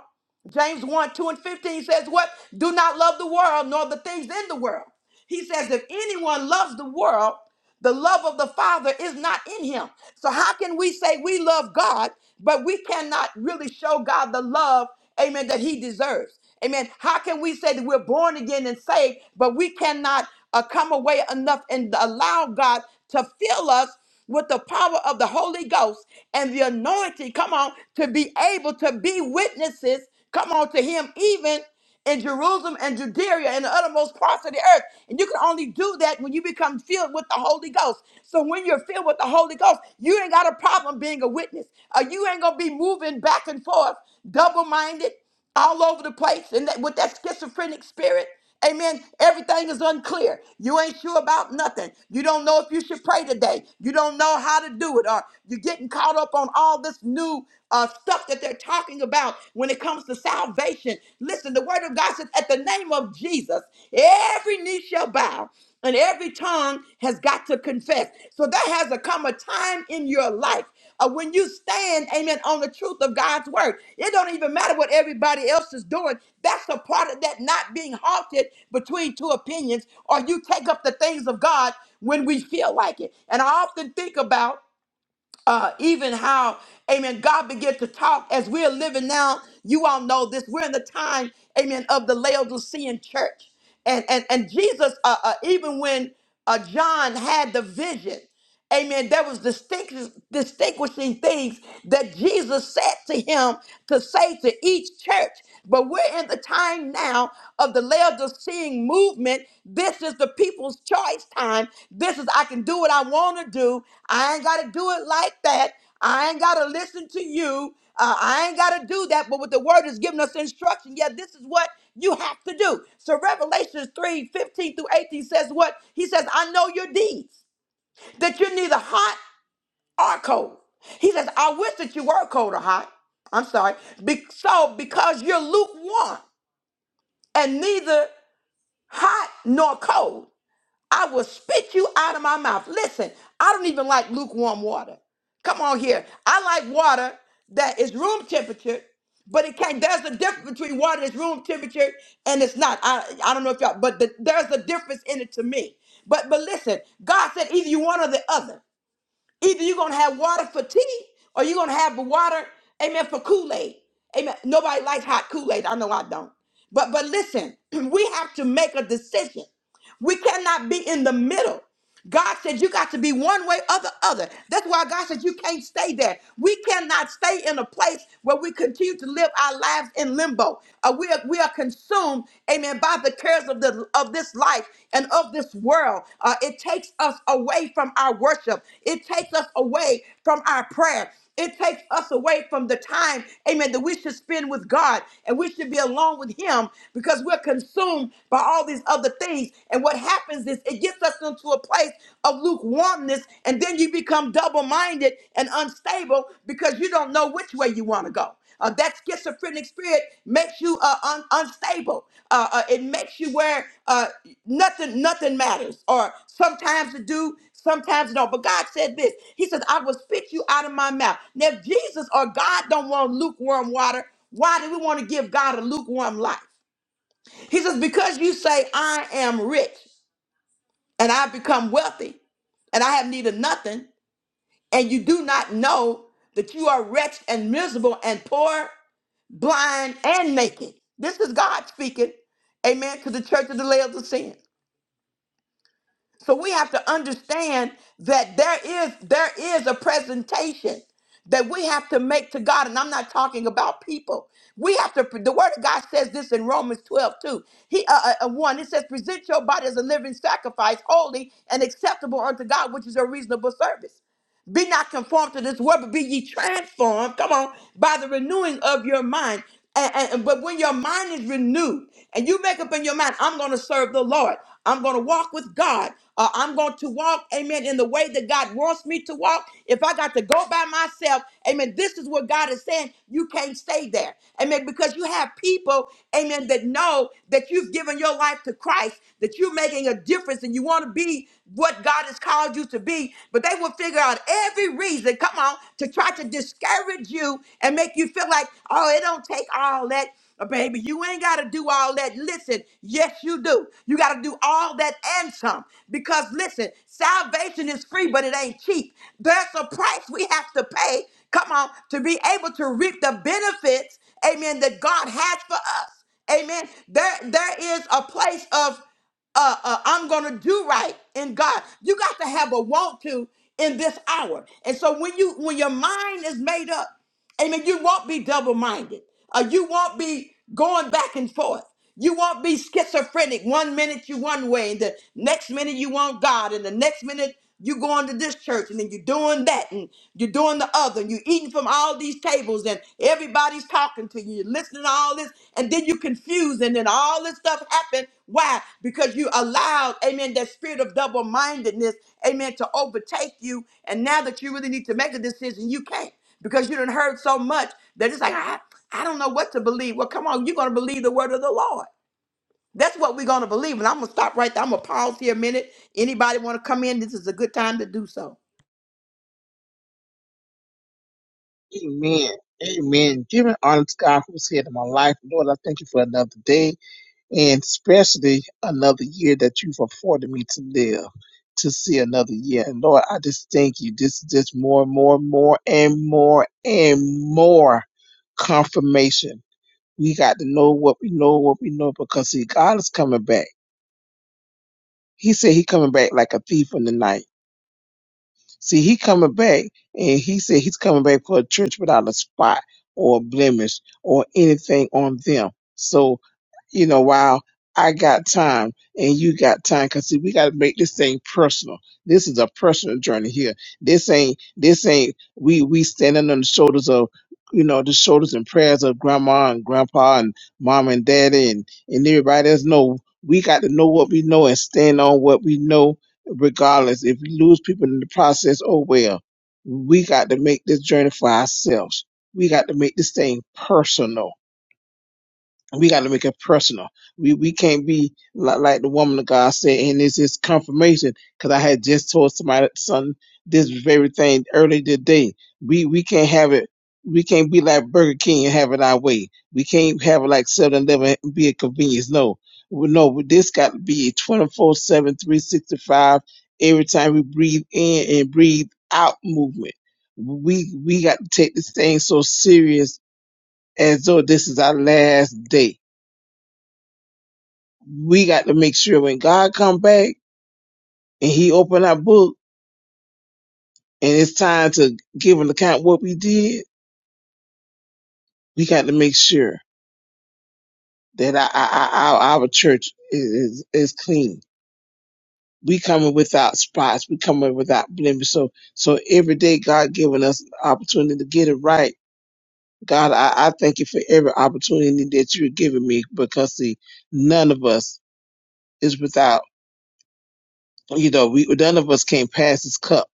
[SPEAKER 1] James 1, 2, and 15 says, What? Do not love the world nor the things in the world. He says, If anyone loves the world, the love of the Father is not in him. So, how can we say we love God, but we cannot really show God the love, amen, that he deserves? Amen. How can we say that we're born again and saved, but we cannot uh, come away enough and allow God to fill us? with the power of the Holy Ghost and the anointing, come on, to be able to be witnesses, come on, to Him, even in Jerusalem and Judea and the uttermost parts of the earth. And you can only do that when you become filled with the Holy Ghost. So when you're filled with the Holy Ghost, you ain't got a problem being a witness. Uh, you ain't going to be moving back and forth, double minded all over the place and that, with that schizophrenic spirit. Amen. Everything is unclear. You ain't sure about nothing. You don't know if you should pray today. You don't know how to do it, or you're getting caught up on all this new uh, stuff that they're talking about when it comes to salvation. Listen, the word of God says, at the name of Jesus, every knee shall bow and every tongue has got to confess. So there has to come a time in your life uh, when you stand, amen, on the truth of God's word, it don't even matter what everybody else is doing. That's the part of that not being halted between two opinions, or you take up the things of God when we feel like it. And I often think about uh, even how, amen, God began to talk as we're living now. You all know this. We're in the time, amen, of the Laodicean church. And, and, and Jesus, uh, uh, even when uh, John had the vision, amen, there was distinct, distinguishing things that Jesus said to him to say to each church. But we're in the time time now of the Laodicean movement. This is the people's choice time. This is, I can do what I want to do. I ain't got to do it like that. I ain't got to listen to you. Uh, I ain't got to do that. But what the word is giving us instruction, yeah, this is what you have to do. So Revelations 3 15 through 18 says what? He says, I know your deeds, that you're neither hot or cold. He says, I wish that you were cold or hot. I'm sorry. Be- so because you're lukewarm and neither hot nor cold. I will spit you out of my mouth. Listen, I don't even like lukewarm water. Come on here. I like water that is room temperature, but it can't. There's a difference between water that's room temperature and it's not. I, I don't know if y'all, but the, there's a difference in it to me. But but listen, God said either you one or the other. Either you're gonna have water for tea or you're gonna have water, amen, for Kool-Aid. Amen. Nobody likes hot Kool-Aid. I know I don't. But but listen, we have to make a decision. We cannot be in the middle. God said you got to be one way or the other. That's why God said you can't stay there. We cannot stay in a place where we continue to live our lives in limbo. Uh, we, are, we are consumed, amen, by the cares of the of this life and of this world. Uh, it takes us away from our worship. It takes us away from our prayer. It takes us away from the time, amen, that we should spend with God and we should be alone with Him because we're consumed by all these other things. And what happens is it gets us into a place of lukewarmness, and then you become double minded and unstable because you don't know which way you want to go. Uh, that schizophrenic spirit makes you uh, un- unstable. Uh, uh, it makes you where uh, nothing nothing matters, or sometimes it do, sometimes it don't. But God said this. He says, "I will spit you out of my mouth." Now, if Jesus or God don't want lukewarm water, why do we want to give God a lukewarm life? He says, "Because you say I am rich and I become wealthy, and I have need of nothing, and you do not know that you are wretched and miserable and poor." blind and naked. This is God speaking, amen, to the church of the Laodicean. So we have to understand that there is there is a presentation that we have to make to God. And I'm not talking about people. We have to, the word of God says this in Romans 12, too. He, uh, uh, uh, 1, it says, present your body as a living sacrifice, holy and acceptable unto God, which is a reasonable service. Be not conformed to this world, but be ye transformed. Come on, by the renewing of your mind. And, and- but when your mind is renewed, and you make up in your mind, I'm going to serve the Lord. I'm going to walk with God. Uh, I'm going to walk, amen, in the way that God wants me to walk. If I got to go by myself, amen, this is what God is saying. You can't stay there, amen, because you have people, amen, that know that you've given your life to Christ. Christ, that you're making a difference and you want to be what God has called you to be. But they will figure out every reason, come on, to try to discourage you and make you feel like, oh, it don't take all that. Uh, Baby, you ain't got to do all that. Listen, yes, you do. You got to do all that and some. Because listen, salvation is free, but it ain't cheap. There's a price we have to pay, come on, to be able to reap the benefits, amen, that God has for us. Amen. There, there is a place of uh, uh, I'm going to do right in God. You got to have a want to in this hour. And so when you when your mind is made up, amen, you won't be double minded. Uh, you won't be going back and forth. You won't be schizophrenic. One minute you one way, and the next minute you want God, and the next minute you going to this church, and then you're doing that, and you're doing the other, and you're eating from all these tables, and everybody's talking to you, you're listening to all this, and then you're confused, and then all this stuff happened. Why? Because you allowed, amen, that spirit of double-mindedness, amen, to overtake you, and now that you really need to make a decision, you can't because you done heard so much that it's like, ah. I don't know what to believe. Well, come on, you're going to believe the word of the Lord. That's what we're going to believe. And I'm going to stop right there. I'm going to pause here a minute. Anybody want to come in? This is a good time to do so.
[SPEAKER 2] Amen. Amen. Giving honor to God who's here in my life. Lord, I thank you for another day and especially another year that you've afforded me to live, to see another year. And Lord, I just thank you. This is just more and more and more and more and more confirmation. We got to know what we know, what we know, because see, God is coming back. He said he coming back like a thief in the night. See, he coming back, and he said he's coming back for a church without a spot or a blemish or anything on them. So you know, while I got time and you got time. Cause see, we gotta make this thing personal. This is a personal journey here. This ain't this ain't we we standing on the shoulders of you know, the shoulders and prayers of grandma and grandpa and mom and daddy and, and everybody else. No, we got to know what we know and stand on what we know regardless. If we lose people in the process, oh well. We got to make this journey for ourselves. We got to make this thing personal we got to make it personal. We we can't be li- like the woman of God said, and it's just confirmation because I had just told somebody son this very thing earlier today. We we can't have it. We can't be like Burger King and have it our way. We can't have it like Seven Eleven and be a convenience. No, Well, no. This got to be 24-7, every time we breathe in and breathe out movement. We we got to take this thing so serious as though this is our last day we got to make sure when God come back and He open our book and it's time to give an account what we did, we got to make sure that our our, our, our church is, is is clean. We coming without spots. We coming without blemish. So so every day God giving us an opportunity to get it right. God, I, I thank you for every opportunity that you're giving me because see, none of us is without. You know, we none of us can't pass this cup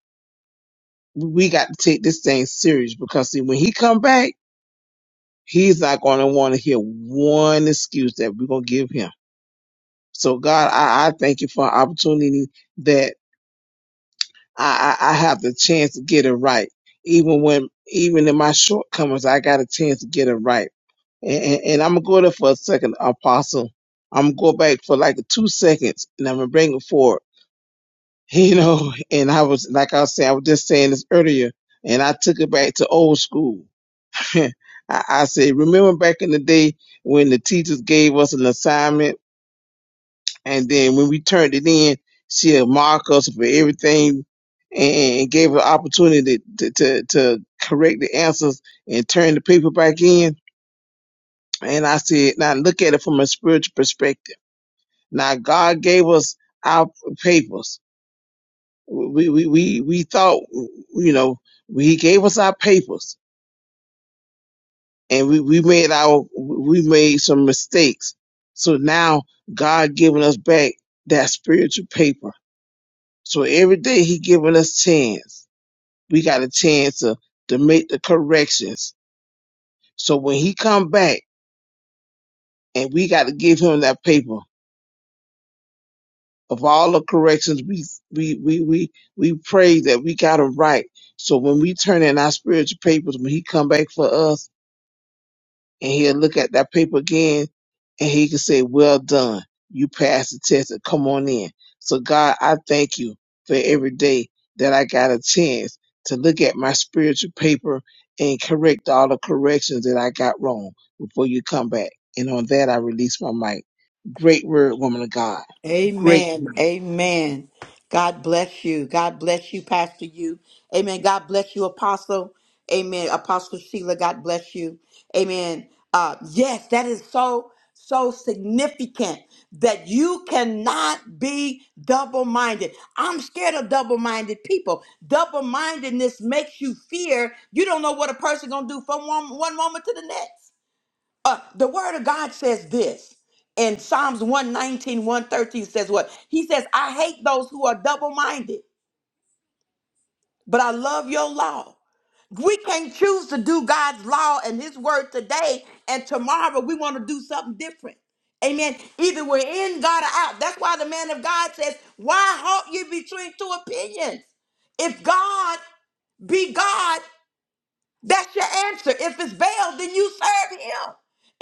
[SPEAKER 2] we got to take this thing serious because see, when he come back, he's not going to want to hear one excuse that we're going to give him. So God, I, I thank you for an opportunity that I, I, I have the chance to get it right. Even when, even in my shortcomings, I got a chance to get it right. And, and, and I'm going to go there for a second, Apostle. I'm going to go back for like two seconds and I'm going to bring it forward. You know, and I was, like I was saying, I was just saying this earlier and I took it back to old school I, I said, remember back in the day when the teachers gave us an assignment and then when we turned it in, she'll mark us for everything and, and gave us opportunity to, to, to correct the answers and turn the paper back in. And I said, now look at it from a spiritual perspective. Now God gave us our papers. We, we, we, we thought, you know, he gave us our papers and we, we made our we made some mistakes. So now God giving us back that spiritual paper. So every day He giving us chance. We got a chance to to make the corrections. So when He come back and we got to give Him that paper of all the corrections we we we we we pray that we got them right. So when we turn in our spiritual papers, when He come back for us and he'll look at that paper again and he can say, Well done. You passed the test and come on in. So God, I thank you for every day that I got a chance to look at my spiritual paper and correct all the corrections that I got wrong before you come back. And on that I release my mic. Great word, woman of God. Great
[SPEAKER 1] Amen. Amen. God bless you. God bless you, Pastor You. Amen. God bless you, Apostle. Amen. Apostle Sheila, God bless you. Amen. Uh, yes, that is so, so significant that you cannot be double minded. I'm scared of double minded people. Double mindedness makes you fear. You don't know what a person going to do from one, one moment to the next. Uh, the word of God says this in Psalms one nineteen one thirteen says what? He says, I hate those who are double minded, but I love your law. We can't choose to do God's law and his word today, and tomorrow we want to do something different. Amen. Either we're in God or out. That's why the man of God says, Why halt you between two opinions? If God be God that's your answer. If it's veiled, then you serve him.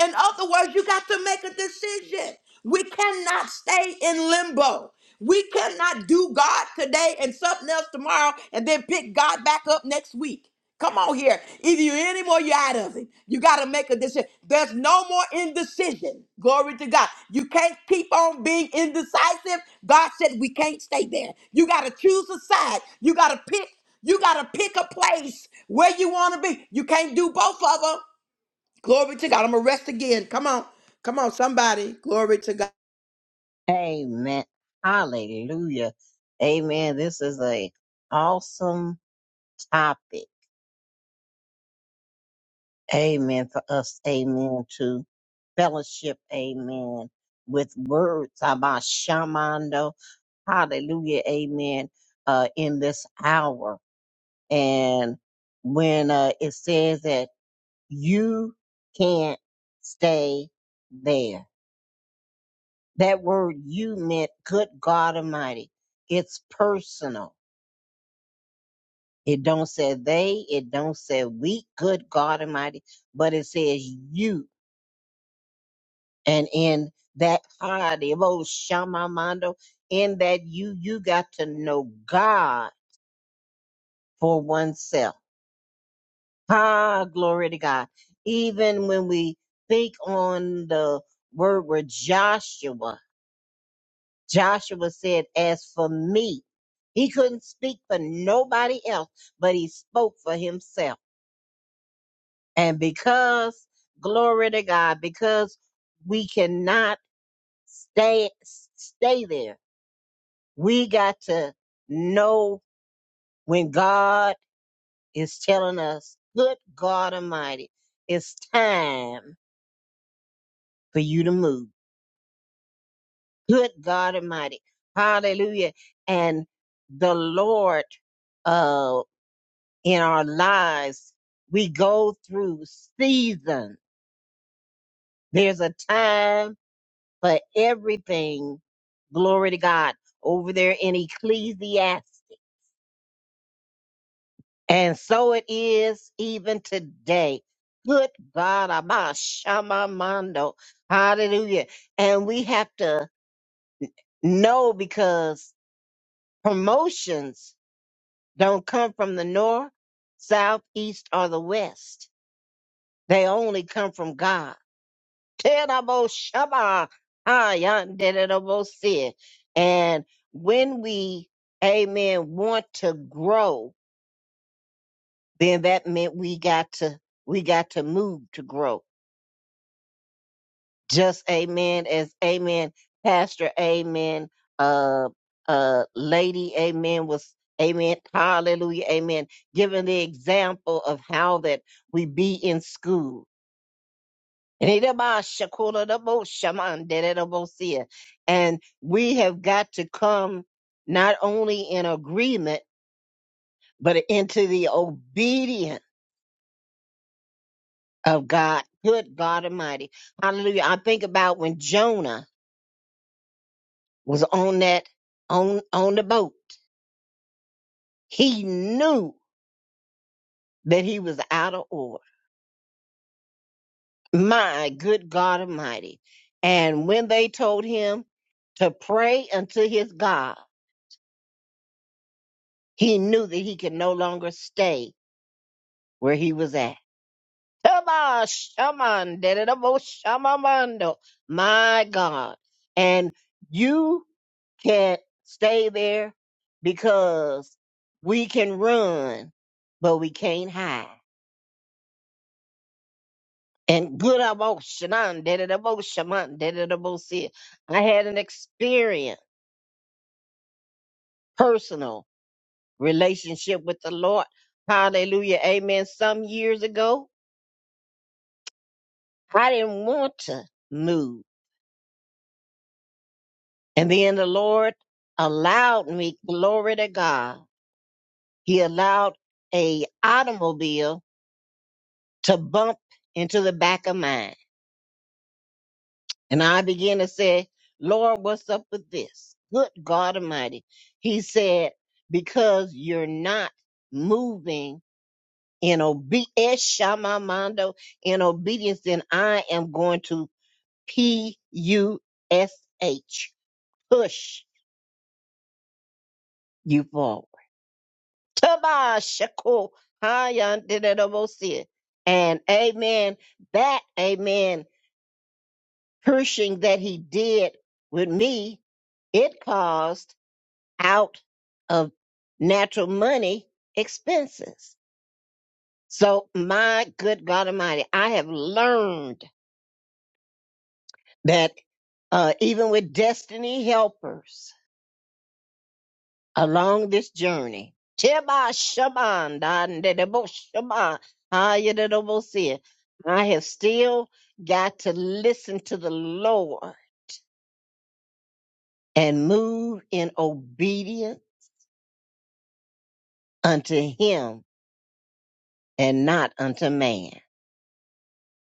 [SPEAKER 1] In other words, you got to make a decision. We cannot stay in limbo. We cannot do God today and something else tomorrow and then pick God back up next week. Come on here. Either you're in him or you're out of him. You got to make a decision. There's no more indecision. Glory to God. You can't keep on being indecisive. God said we can't stay there. You got to choose a side. You got to pick you got to pick a place where you want to be. You can't do both of them. Glory to God. I'm going to rest again. Come on. Come on, somebody. Glory to God.
[SPEAKER 4] Amen. Hallelujah. Amen. This is a awesome topic. Amen. For us. Amen. To fellowship. Amen. With words about shamando. Hallelujah. Amen. Uh, in this hour. And when, uh, it says that you can't stay there, that word you meant good God Almighty. It's personal It don't say they, it don't say we, good God Almighty, but it says you. And in that piety, oh Shamamando, in that you, you got to know God for oneself. Ah, glory to God. Even when we think on the word with Joshua, Joshua said, as for me, he couldn't speak for nobody else, but he spoke for himself. And because, glory to God, because we cannot stay stay there, we got to know when God is telling us, good God Almighty, it's time for you to move. Good God Almighty. Hallelujah. And the Lord uh in our lives, we go through seasons. There's a time But everything, glory to God, over there in Ecclesiastes. And so it is even today. Good God, Abashamamando. Hallelujah. And we have to know because promotions don't come from the north, south, east, or the west. They only come from God. Terabo Shaba. Ah, yanderabo sin. And when we, amen, want to grow, then that meant we got to, we got to move to grow. Just amen as amen, Pastor, amen, uh, uh, lady, amen, was, amen, hallelujah, amen, giving the example of how that we be in school And we have got to come not only in agreement, but into the obedience of God. Good God Almighty. Hallelujah. I think about when Jonah was on that, on, on the boat. He knew that he was out of order. My good God Almighty. And when they told him to pray unto his God, he knew that he could no longer stay where he was at. Shama, shaman, dededabo, shamamando. My God. And you can't stay there because we can run, but we can't hide. And good emotion, on, dededabo, shaman, dededabo, see. I had an experience, personal relationship with the Lord. Hallelujah. Amen. Some years ago, I didn't want to move. And then the Lord allowed me, glory to God, He allowed a automobile to bump into the back of mine. And I began to say, Lord, what's up with this? Good God Almighty. He said, because you're not moving in obedience, Shamamando, in obedience, then I am going to P U S H, push you forward. Tabashako. Hayandidabosia. And amen. That amen cursing that he did with me, it caused out of natural money expenses. So my good God Almighty, I have learned that uh, even with destiny helpers, along this journey. Sheba Shaban, Dandebo Shaban, Ayadebosia. I have still got to listen to the Lord and move in obedience unto him and not unto man.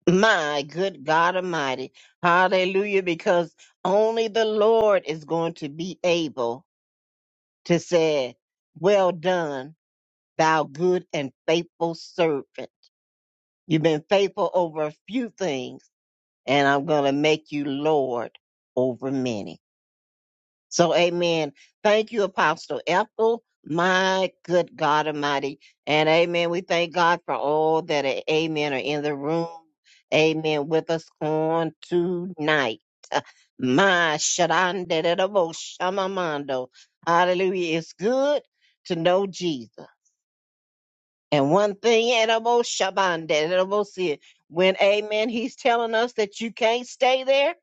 [SPEAKER 4] My good God Almighty. Hallelujah. Because only the Lord is going to be able to say, Well done, thou good and faithful servant. You've been faithful over a few things, and I'm going to make you Lord over many. So, amen. Thank you, Apostle Ethel, my good God Almighty. And amen. We thank God for all that, are- amen, are in the room. Amen. With us on tonight. My Shaddai, Shama Mando. Hallelujah. It's good to know Jesus. And one thing, Edible Shaban, Edible Sid, when Amen, he's telling us that you can't stay there.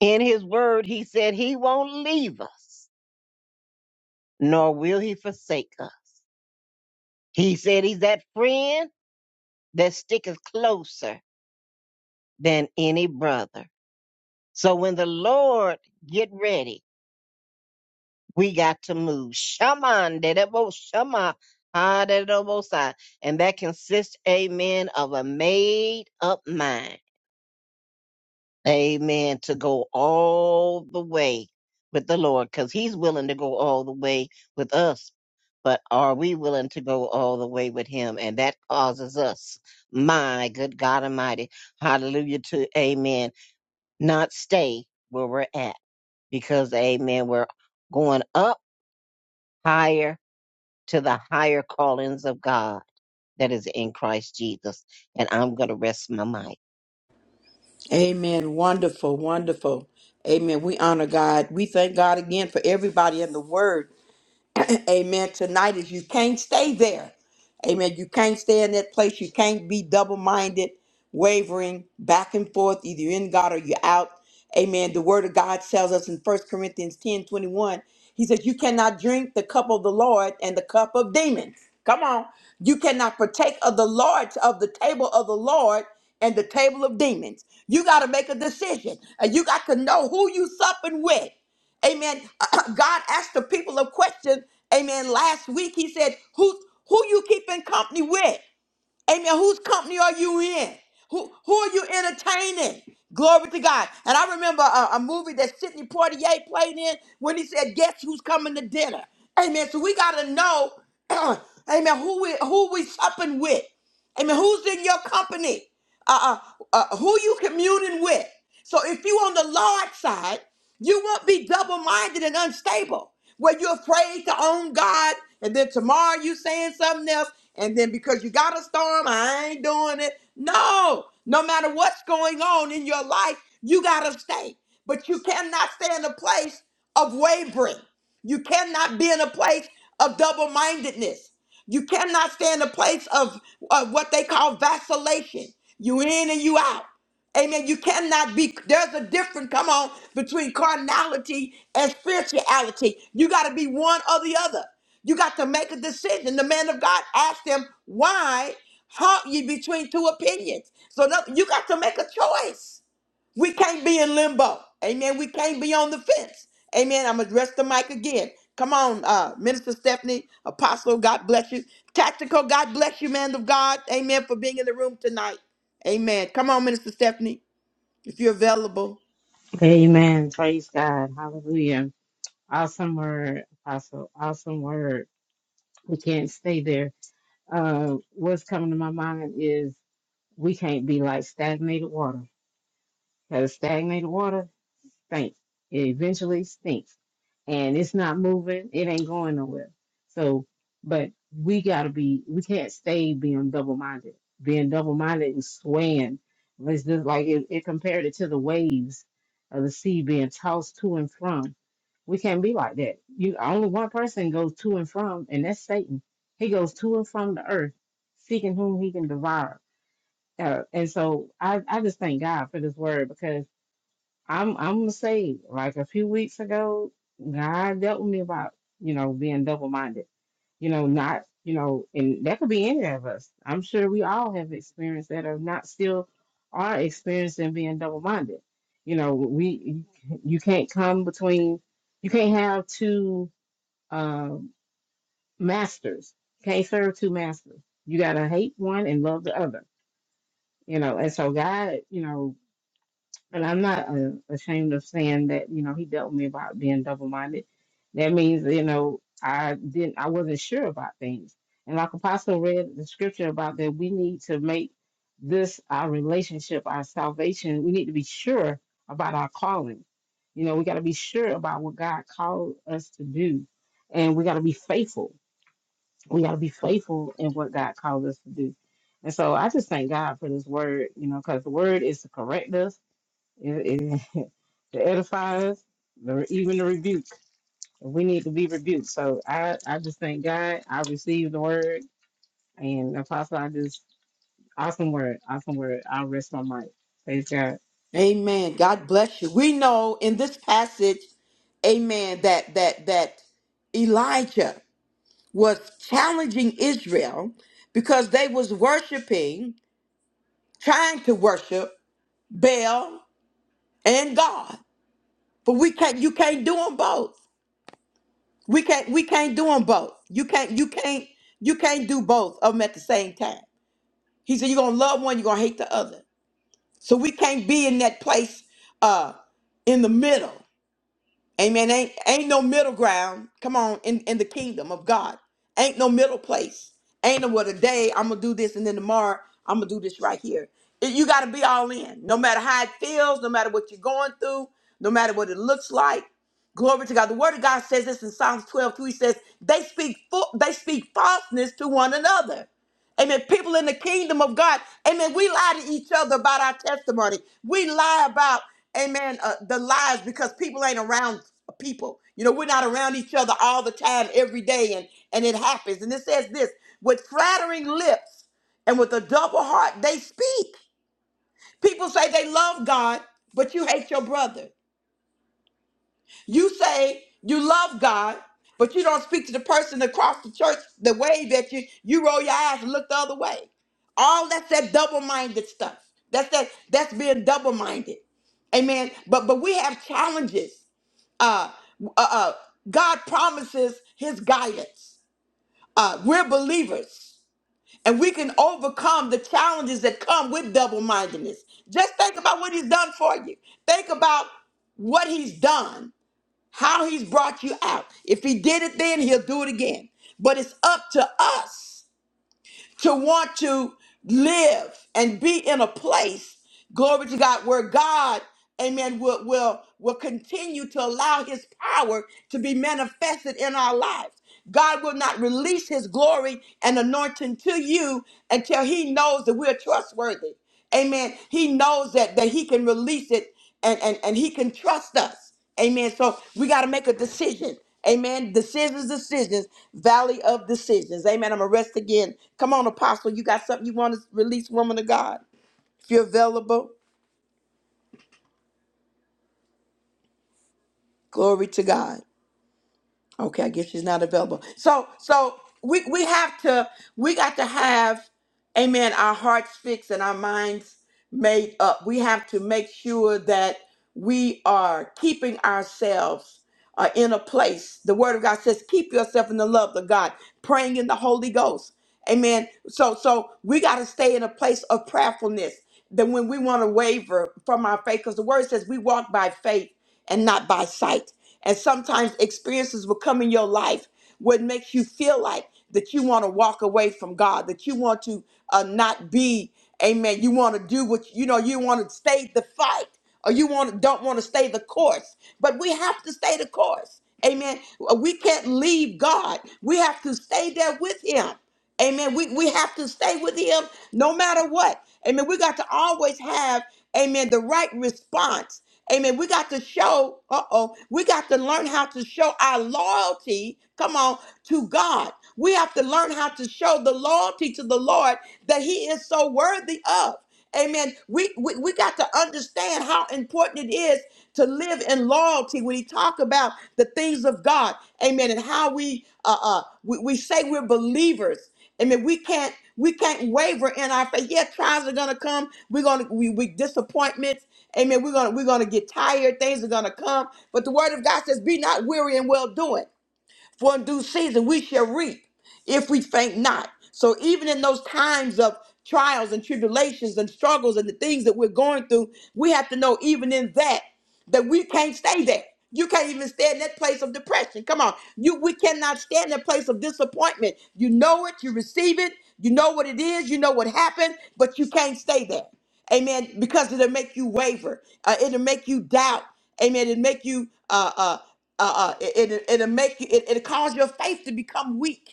[SPEAKER 4] In his word, he said he won't leave us, nor will he forsake us. He said he's that friend that sticketh closer than any brother. So when the Lord get ready, we got to move. Shaman, Edible Shama, ah, Edible Side. And that consists, Amen, of a made up mind. Amen. To go all the way with the Lord because He's willing to go all the way with us. But are we willing to go all the way with Him? And that causes us, my good God Almighty, hallelujah to Amen, not stay where we're at because Amen, we're going up higher to the higher callings of God that is in Christ Jesus. And I'm going to rest my mind.
[SPEAKER 1] Amen. Wonderful, wonderful. Amen. We honor God. We thank God again for everybody in the word. Amen. Tonight is you can't stay there. Amen. You can't stay in that place. You can't be double minded, wavering back and forth. Either you're in God or you're out. Amen. The word of God tells us in First Corinthians 10 21. he says, You cannot drink the cup of the Lord and the cup of demons. Come on. You cannot partake of the Lord's of the table of the Lord and the table of demons. You got to make a decision. And you got to know who you supping with. Amen. God asked the people a question. Amen. Last week he said, "Who who you keeping company with? Amen. Whose company are you in? Who who are you entertaining? Glory to God." And I remember a, a movie that Sidney Poitier played in when he said, "Guess who's coming to dinner?" Amen. So we got to know, amen, who we who we supping with. I mean, who's in your company? Uh, uh, uh, who you communing with? So if you on the Lord side, you won't be double-minded and unstable, where you're afraid to own God, and then tomorrow you saying something else, and then because you got a storm, I ain't doing it. No, no matter what's going on in your life, you gotta stay. But you cannot stay in a place of wavering. You cannot be in a place of double mindedness. You cannot stay in a place of, of what they call vacillation. You in and you out. Amen. You cannot be, there's a difference, come on, between carnality and spirituality. You got to be one or the other. You got to make a decision. The man of God asked him, Why haunt you between two opinions? So no, you got to make a choice. We can't be in limbo. Amen. We can't be on the fence. Amen. I'm going to rest the mic again. Come on, uh, Minister Stephanie, Apostle, God bless you. Tactical, God bless you, man of God. Amen. For being in the room tonight. Amen. Come on, Minister Stephanie, if you're available.
[SPEAKER 3] Amen. Praise God. Hallelujah. Awesome word, Apostle. Awesome word. We can't stay there. Uh, what's coming to my mind is we can't be like stagnated water. Because stagnated water stink. It eventually stinks. And it's not moving, it ain't going nowhere. So, but we gotta be, we can't stay being double minded. Being double minded and swaying. It's just like it, it compared it to the waves of the sea being tossed to and from. We can't be like that. You only one person goes to and from, and that's Satan. He goes to and from the earth, seeking whom he can devour. Uh, and so I, I just thank God for this word because I'm I'm gonna say like a few weeks ago, God dealt with me about you know being double minded, you know not you know, and that could be any of us. I'm sure we all have experienced that, or not still are experiencing being double minded. You know, we you can't come between, you can't have two um, masters. Can't serve two masters. You gotta hate one and love the other. You know, and so God, you know, and I'm not uh, ashamed of saying that, you know, he dealt with me about being double minded. That means, you know, I didn't, I wasn't sure about things. And like Apostle read the scripture about that we need to make this our relationship, our salvation. We need to be sure about our calling. You know, we got to be sure about what God called us to do. And we got to be faithful. We got to be faithful in what God called us to do. And so I just thank God for this word, you know, because the word is to correct us it, it, to edify us, the- even the rebuke. We need to be rebuked. So I, I just thank God. I received the word, and Apostle, I just awesome word, awesome word. I'll rest my mic. Praise God.
[SPEAKER 1] Amen. God bless you. We know in this passage, amen, that that that Elijah was challenging Israel because they was worshiping, trying to worship Baal and God. But we can't you can't do them both. We can't we can't do them both. You can't you can't you can't do both of them at the same time. He said you're gonna love one, you're gonna hate the other. So we can't be in that place uh in the middle. Amen. Ain't, ain't no middle ground. Come on, in, in the kingdom of God. Ain't no middle place. Ain't no what a day I'm gonna do this and then tomorrow I'm gonna do this right here. It- You gotta be all in. No matter how it feels, no matter what you're going through, no matter what it looks like. Glory to God. The word of God says this in Psalms 12, two. He says, they speak fo- they speak falseness to one another. Amen. People in the kingdom of God, amen. We lie to each other about our testimony. We lie about, amen, uh, the lies because people ain't around people. You know, we're not around each other all the time, every day, and, and it happens. And it says this with flattering lips and with a double heart, they speak. People say they love God, but you hate your brother. You say you love God, but you don't speak to the person across the church the way that you you roll your eyes and look the other way. All that's that double-minded stuff. That's that that's being double-minded. Amen. But but we have challenges. Uh uh, uh God promises his guidance. Uh we're believers and we can overcome the challenges that come with double-mindedness. Just think about what he's done for you. Think about what he's done how he's brought you out. If he did it then, he'll do it again. But it's up to us to want to live and be in a place, glory to God, where God, amen, will, will, will continue to allow his power to be manifested in our lives. God will not release his glory and anointing to you until he knows that we're trustworthy. Amen. He knows that, that he can release it and, and, and he can trust us. Amen. So we got to make a decision. Amen. Decisions, decisions, valley of decisions. Amen. I'm going to rest again. Come on, Apostle. You got something you want to release, woman of God? If you're available, glory to God. Okay, I guess she's not available. So, so we, we have to, we got to have, amen, our hearts fixed and our minds made up. We have to make sure that we are keeping ourselves uh, in a place. The word of God says, keep yourself in the love of God, praying in the Holy Ghost. Amen. So so we got to stay in a place of prayerfulness. Then when we want to waver from our faith, because the word says we walk by faith and not by sight. And sometimes experiences will come in your life what makes you feel like that you want to walk away from God, that you want to uh, not be, amen. You want to do what you know, you want to stay the fight or you want don't want to stay the course. But we have to stay the course. Amen. We can't leave God. We have to stay there with him. Amen. We, we have to stay with him no matter what. Amen. We got to always have, amen, the right response. Amen. We got to show, uh oh, we got to learn how to show our loyalty, come on, to God. We have to learn how to show the loyalty to the Lord that he is so worthy of. Amen. We, we, we got to understand how important it is to live in loyalty when he talk about the things of God. Amen. And how we, uh, uh, we, we say we're believers. I mean, we can't we can't waver in our faith. Yeah, trials are gonna come. We're gonna we, we disappointments. Amen. We're gonna we're gonna get tired. Things are gonna come. But the word of God says, "Be not weary in well doing, for in due season we shall reap if we faint not." So even in those times of trials and tribulations and struggles and the things that we're going through, we have to know even in that that we can't stay there. You can't even stay in that place of depression. Come on. You we cannot stay in that place of disappointment. You know it, you receive it, you know what it is, you know what happened, but you can't stay there. Amen. Because it'll make you waver. Uh, it'll make you doubt. Amen. It'll make you uh uh uh, uh it, it, it'll make you it, it'll cause your faith to become weak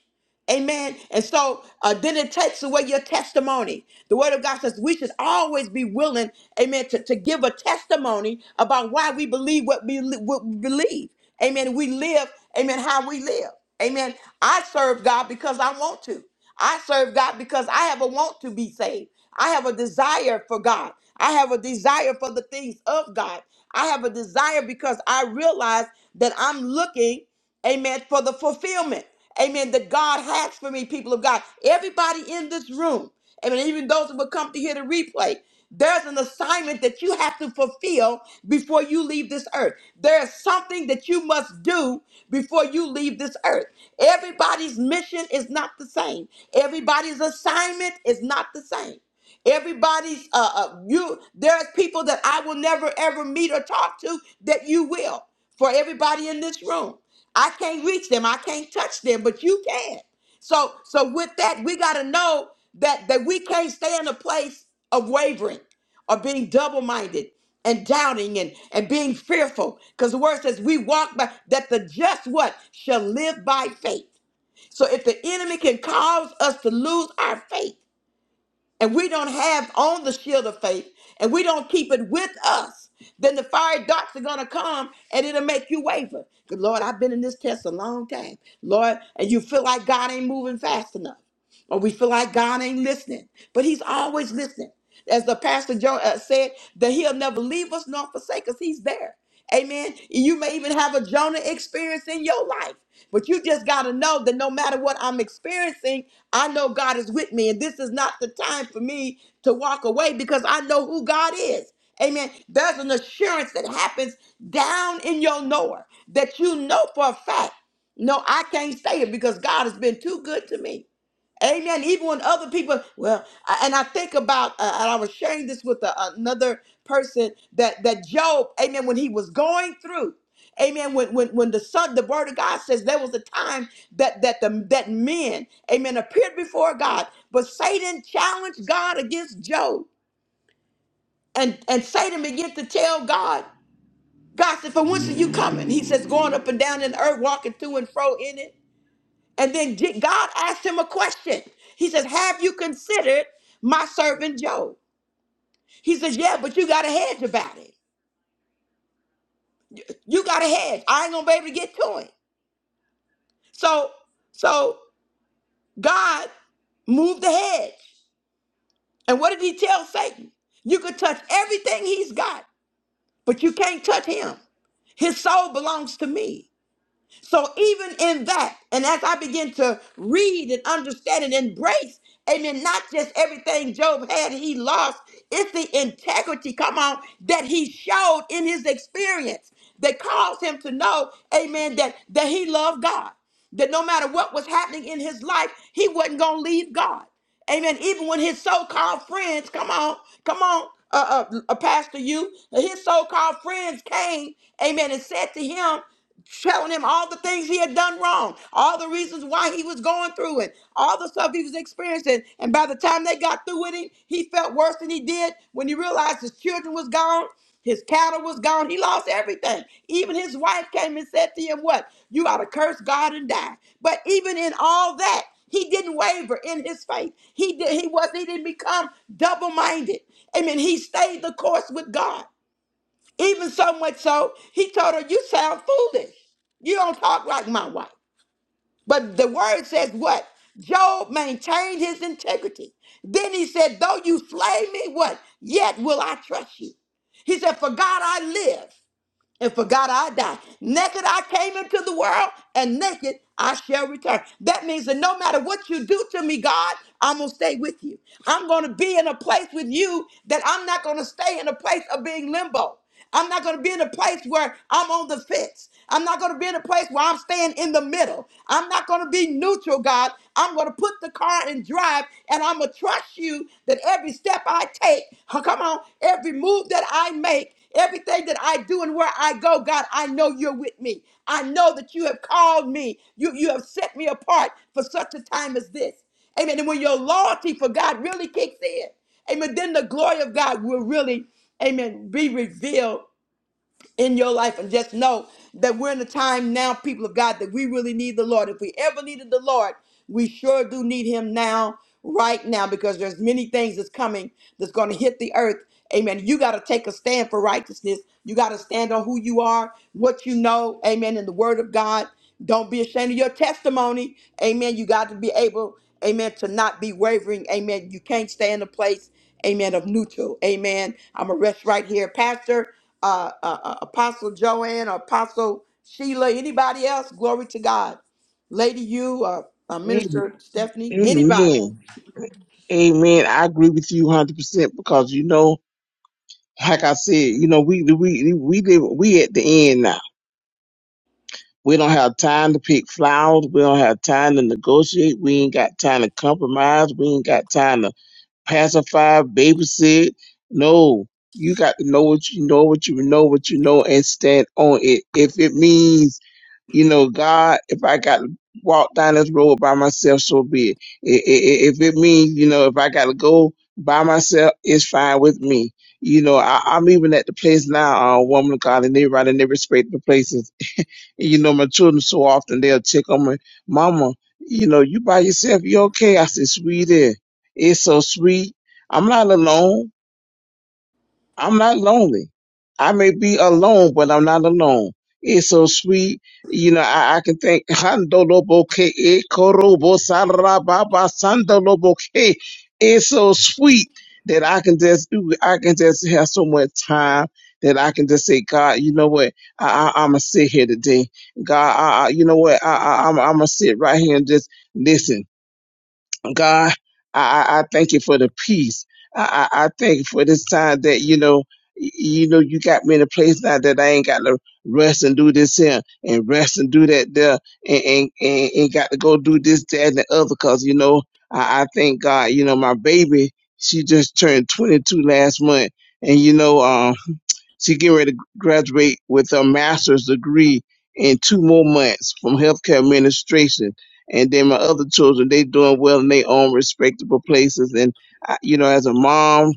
[SPEAKER 1] Amen. And so uh, then it takes away your testimony. The word of God says we should always be willing, amen, to, to give a testimony about why we believe what we, li- what we believe. Amen. We live, amen, how we live. Amen. I serve God because I want to. I serve God because I have a want to be saved. I have a desire for God. I have a desire for the things of God. I have a desire because I realize that I'm looking, amen, for the fulfillment, amen, that God has for me, people of God. Everybody in this room. Amen. Even those who will come to hear the replay, there's an assignment that you have to fulfill before you leave this earth. There's something that you must do before you leave this earth. Everybody's mission is not the same. Everybody's assignment is not the same. Everybody's uh, uh you there's people that I will never ever meet or talk to that you will. For everybody in this room, I can't reach them. I can't touch them, but you can. So so with that, we gotta know that that we can't stay in a place of wavering or being double-minded and doubting and, and being fearful. Because the word says we walk by that the just what shall live by faith. So if the enemy can cause us to lose our faith, and we don't have on the shield of faith and we don't keep it with us, then the fiery darts are going to come and it'll make you waver. Good Lord, I've been in this test a long time, Lord, and you feel like God ain't moving fast enough or we feel like God ain't listening, but He's always listening. As the pastor Joe uh, said, that He'll never leave us nor forsake us. He's there. Amen. You may even have a Jonah experience in your life, but you just got to know that no matter what I'm experiencing, I know God is with me, and this is not the time for me to walk away because I know who God is. Amen. There's an assurance that happens down in your knower that you know for a fact. No, I can't say it because God has been too good to me. Amen. Even when other people, well, I- and I think about, uh, and I was sharing this with a, another person that that Job, Amen. When he was going through, Amen. When when when the son, the word of God says there was a time that that the that men, Amen, appeared before God, but Satan challenged God against Job, and and Satan began to tell God, God said, "For whence are you coming?" He says, "Going up and down in the earth, walking to and fro in it." And then Je- God asked him a question. He says, Have you considered my servant Job? He says, Yeah, but you got a hedge about it. You got a hedge. I ain't gonna be able to get to him. So, so God moved the hedge. And what did he tell Satan? You could touch everything he's got, but you can't touch him. His soul belongs to me. So even in that, and as I begin to read and understand and embrace, amen, not just everything Job had he lost, it's the integrity, come on, that he showed in his experience that caused him to know, amen, that, that he loved God. That no matter what was happening in his life, he wasn't going to leave God. Amen. Even when his so-called friends, come on, come on, uh, uh, uh, Pastor, you, his so-called friends came, amen, and said to him, telling him all the things he had done wrong, all the reasons why he was going through it, all the stuff he was experiencing. And by the time they got through with him, he felt worse than he did when he realized his children was gone. His cattle was gone. He lost everything. Even his wife came and said to him, What? You ought to curse God and die. But even in all that, he didn't waver in his faith. He did, he was he didn't become double-minded. Amen. He stayed the course with God. Even so much so, he told her, You sound foolish. You don't talk like my wife. But the word says what? Job maintained his integrity. Then he said, Though you slay me, what? Yet will I trust you. He said, For God I live and for God I die. Naked I came into the world, and naked I shall return. That means that no matter what you do to me, God, I'm going to stay with you. I'm going to be in a place with you that I'm not going to stay in a place of being limbo. I'm not going to be in a place where I'm on the fence. I'm not going to be in a place where I'm staying in the middle. I'm not going to be neutral, God. I'm going to put the car in drive and I'm going to trust you that every step I take, huh, come on, every move that I make, Everything that I do and where I go, God, I know you're with me. I know that you have called me. You, you have set me apart for such a time as this. Amen. And when your loyalty for God really kicks in, amen, then the glory of God will really, amen, be revealed in your life and just know that we're in a time now, people of God, that we really need the Lord. If we ever needed the Lord, we sure do need him now, right now, because there's many things that's coming that's going to hit the earth. Amen. You got to take a stand for righteousness. You got to stand on who you are, what you know. Amen. In the word of God. Don't be ashamed of your testimony. Amen. You got to be able, amen, to not be wavering. Amen. You can't stay in a place, amen, of neutral. Amen. I'm going to rest right here. Pastor, uh, uh, uh, Apostle Joanne or Apostle Sheila, anybody else, glory to God. Lady, you, uh, uh,
[SPEAKER 2] amen.
[SPEAKER 1] Minister Stephanie, anybody.
[SPEAKER 2] Amen. I agree with you 100% because you know, like I said, you know, we, we, we live, we at the end now We don't have time to pick flowers. We don't have time to negotiate. We ain't got time to compromise. We ain't got time to pacify, babysit. No, you got to know what you know, what you know, what you know, and stand on it. If it means, you know, God, if I got to walk down this road by myself, so be it. I- i- i- If it means, you know, if I got to go by myself, it's fine with me. You know, I, I'm even at the place now, uh, woman of God, and everybody in every respect the places. You know, my children so often they'll check on me, Mama, you know, you by yourself, you okay? I said, Sweetie, it's so sweet. I'm not alone. I'm not lonely. I may be alone, but I'm not alone. It's so sweet. You know, I, I can think Handoloboke e korobo sarababa sandoloboke. It's so sweet that I can just do it. I can just have so much time that I can just say, God, you know what? I, I, I'm gonna sit here today. God, I, I, you know what? I, I, I'm, I'm gonna sit right here and just listen God, I, I I thank you for the peace. I, I, I thank you for this time that, you know, y- you know, you got me in a place now that I ain't got to rest and do this here and rest and do that there and, and, and, and got to go do this, that, and the other. Cause, you know, I, I thank God, you know, my baby, she just turned 22 last month. And, you know, um, she getting ready to graduate with a master's degree in two more months from healthcare administration. And then my other children, they doing well in their own respectable places. And I, you know, as a mom,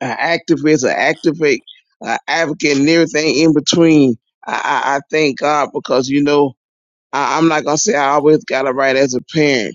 [SPEAKER 2] an activist, an activate, an advocate, and everything in between, I, I, I thank God because you know I, I'm not gonna say I always got it right as a parent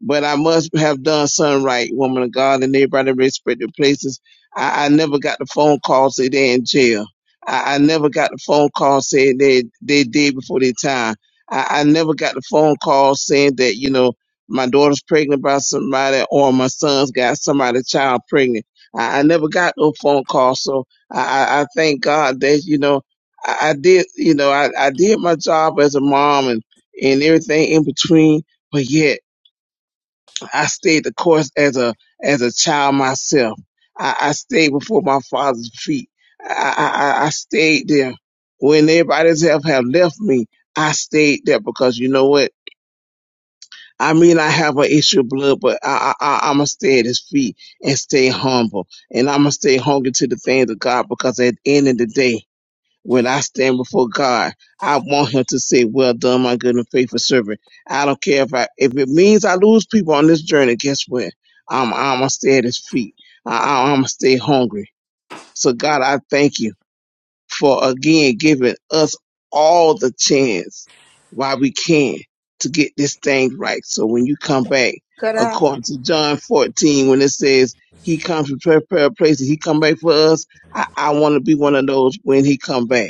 [SPEAKER 2] but I must have done something right, woman of God, and everybody in respective places. I, I never got the phone call saying they are in jail. I, I never got the phone call saying they they did before their time. I, I never got the phone call saying that you know my daughter's pregnant by somebody or my son's got somebody's child pregnant. I, I never got no phone call, so I, I I thank God that you know I, I did you know I, I did my job as a mom and and everything in between, but yet. I stayed the course as a as a child myself. I, I stayed before my father's feet. I, I I stayed there when everybody else have, have left me. I stayed there because you know what? I mean, I have an issue of blood, but I, I, I, I'm going to stay at his feet and stay humble. And I'm going to stay hungry to the things of God because at the end of the day, when I stand before God, I want him to say, Well done, my good and faithful servant. I don't care if I if it means I lose people on this journey, guess what? I'm I'm gonna stay at his feet. I, I'm gonna stay hungry. So God, I thank you for again giving us all the chance while we can to get this thing right. So when you come back,
[SPEAKER 1] Cut out.
[SPEAKER 2] according to John 14, when it says he comes to prepare a place and he come back for us, I, I want to be one of those when he come back.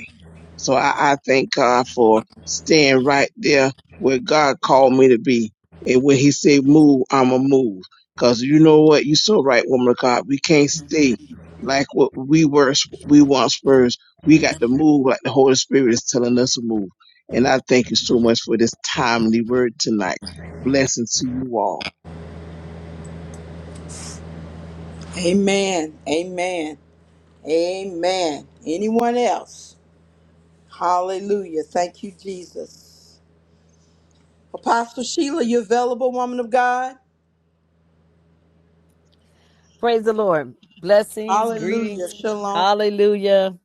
[SPEAKER 2] So I, I thank God for staying right there where God called me to be. And when He said move, I'ma move. Cause you know what? You so right, woman of God. We can't stay like what we were, we once were. We got to move like the Holy Spirit is telling us to move. And I thank you so much for this timely word tonight. Blessings to you all.
[SPEAKER 1] Amen. Amen. Amen. Anyone else? Hallelujah. Thank you, Jesus. Apostle Sheila, you available, woman of God?
[SPEAKER 5] Praise the Lord. Blessings,
[SPEAKER 1] Hallelujah.
[SPEAKER 5] greetings.
[SPEAKER 1] Shalom.
[SPEAKER 5] Hallelujah.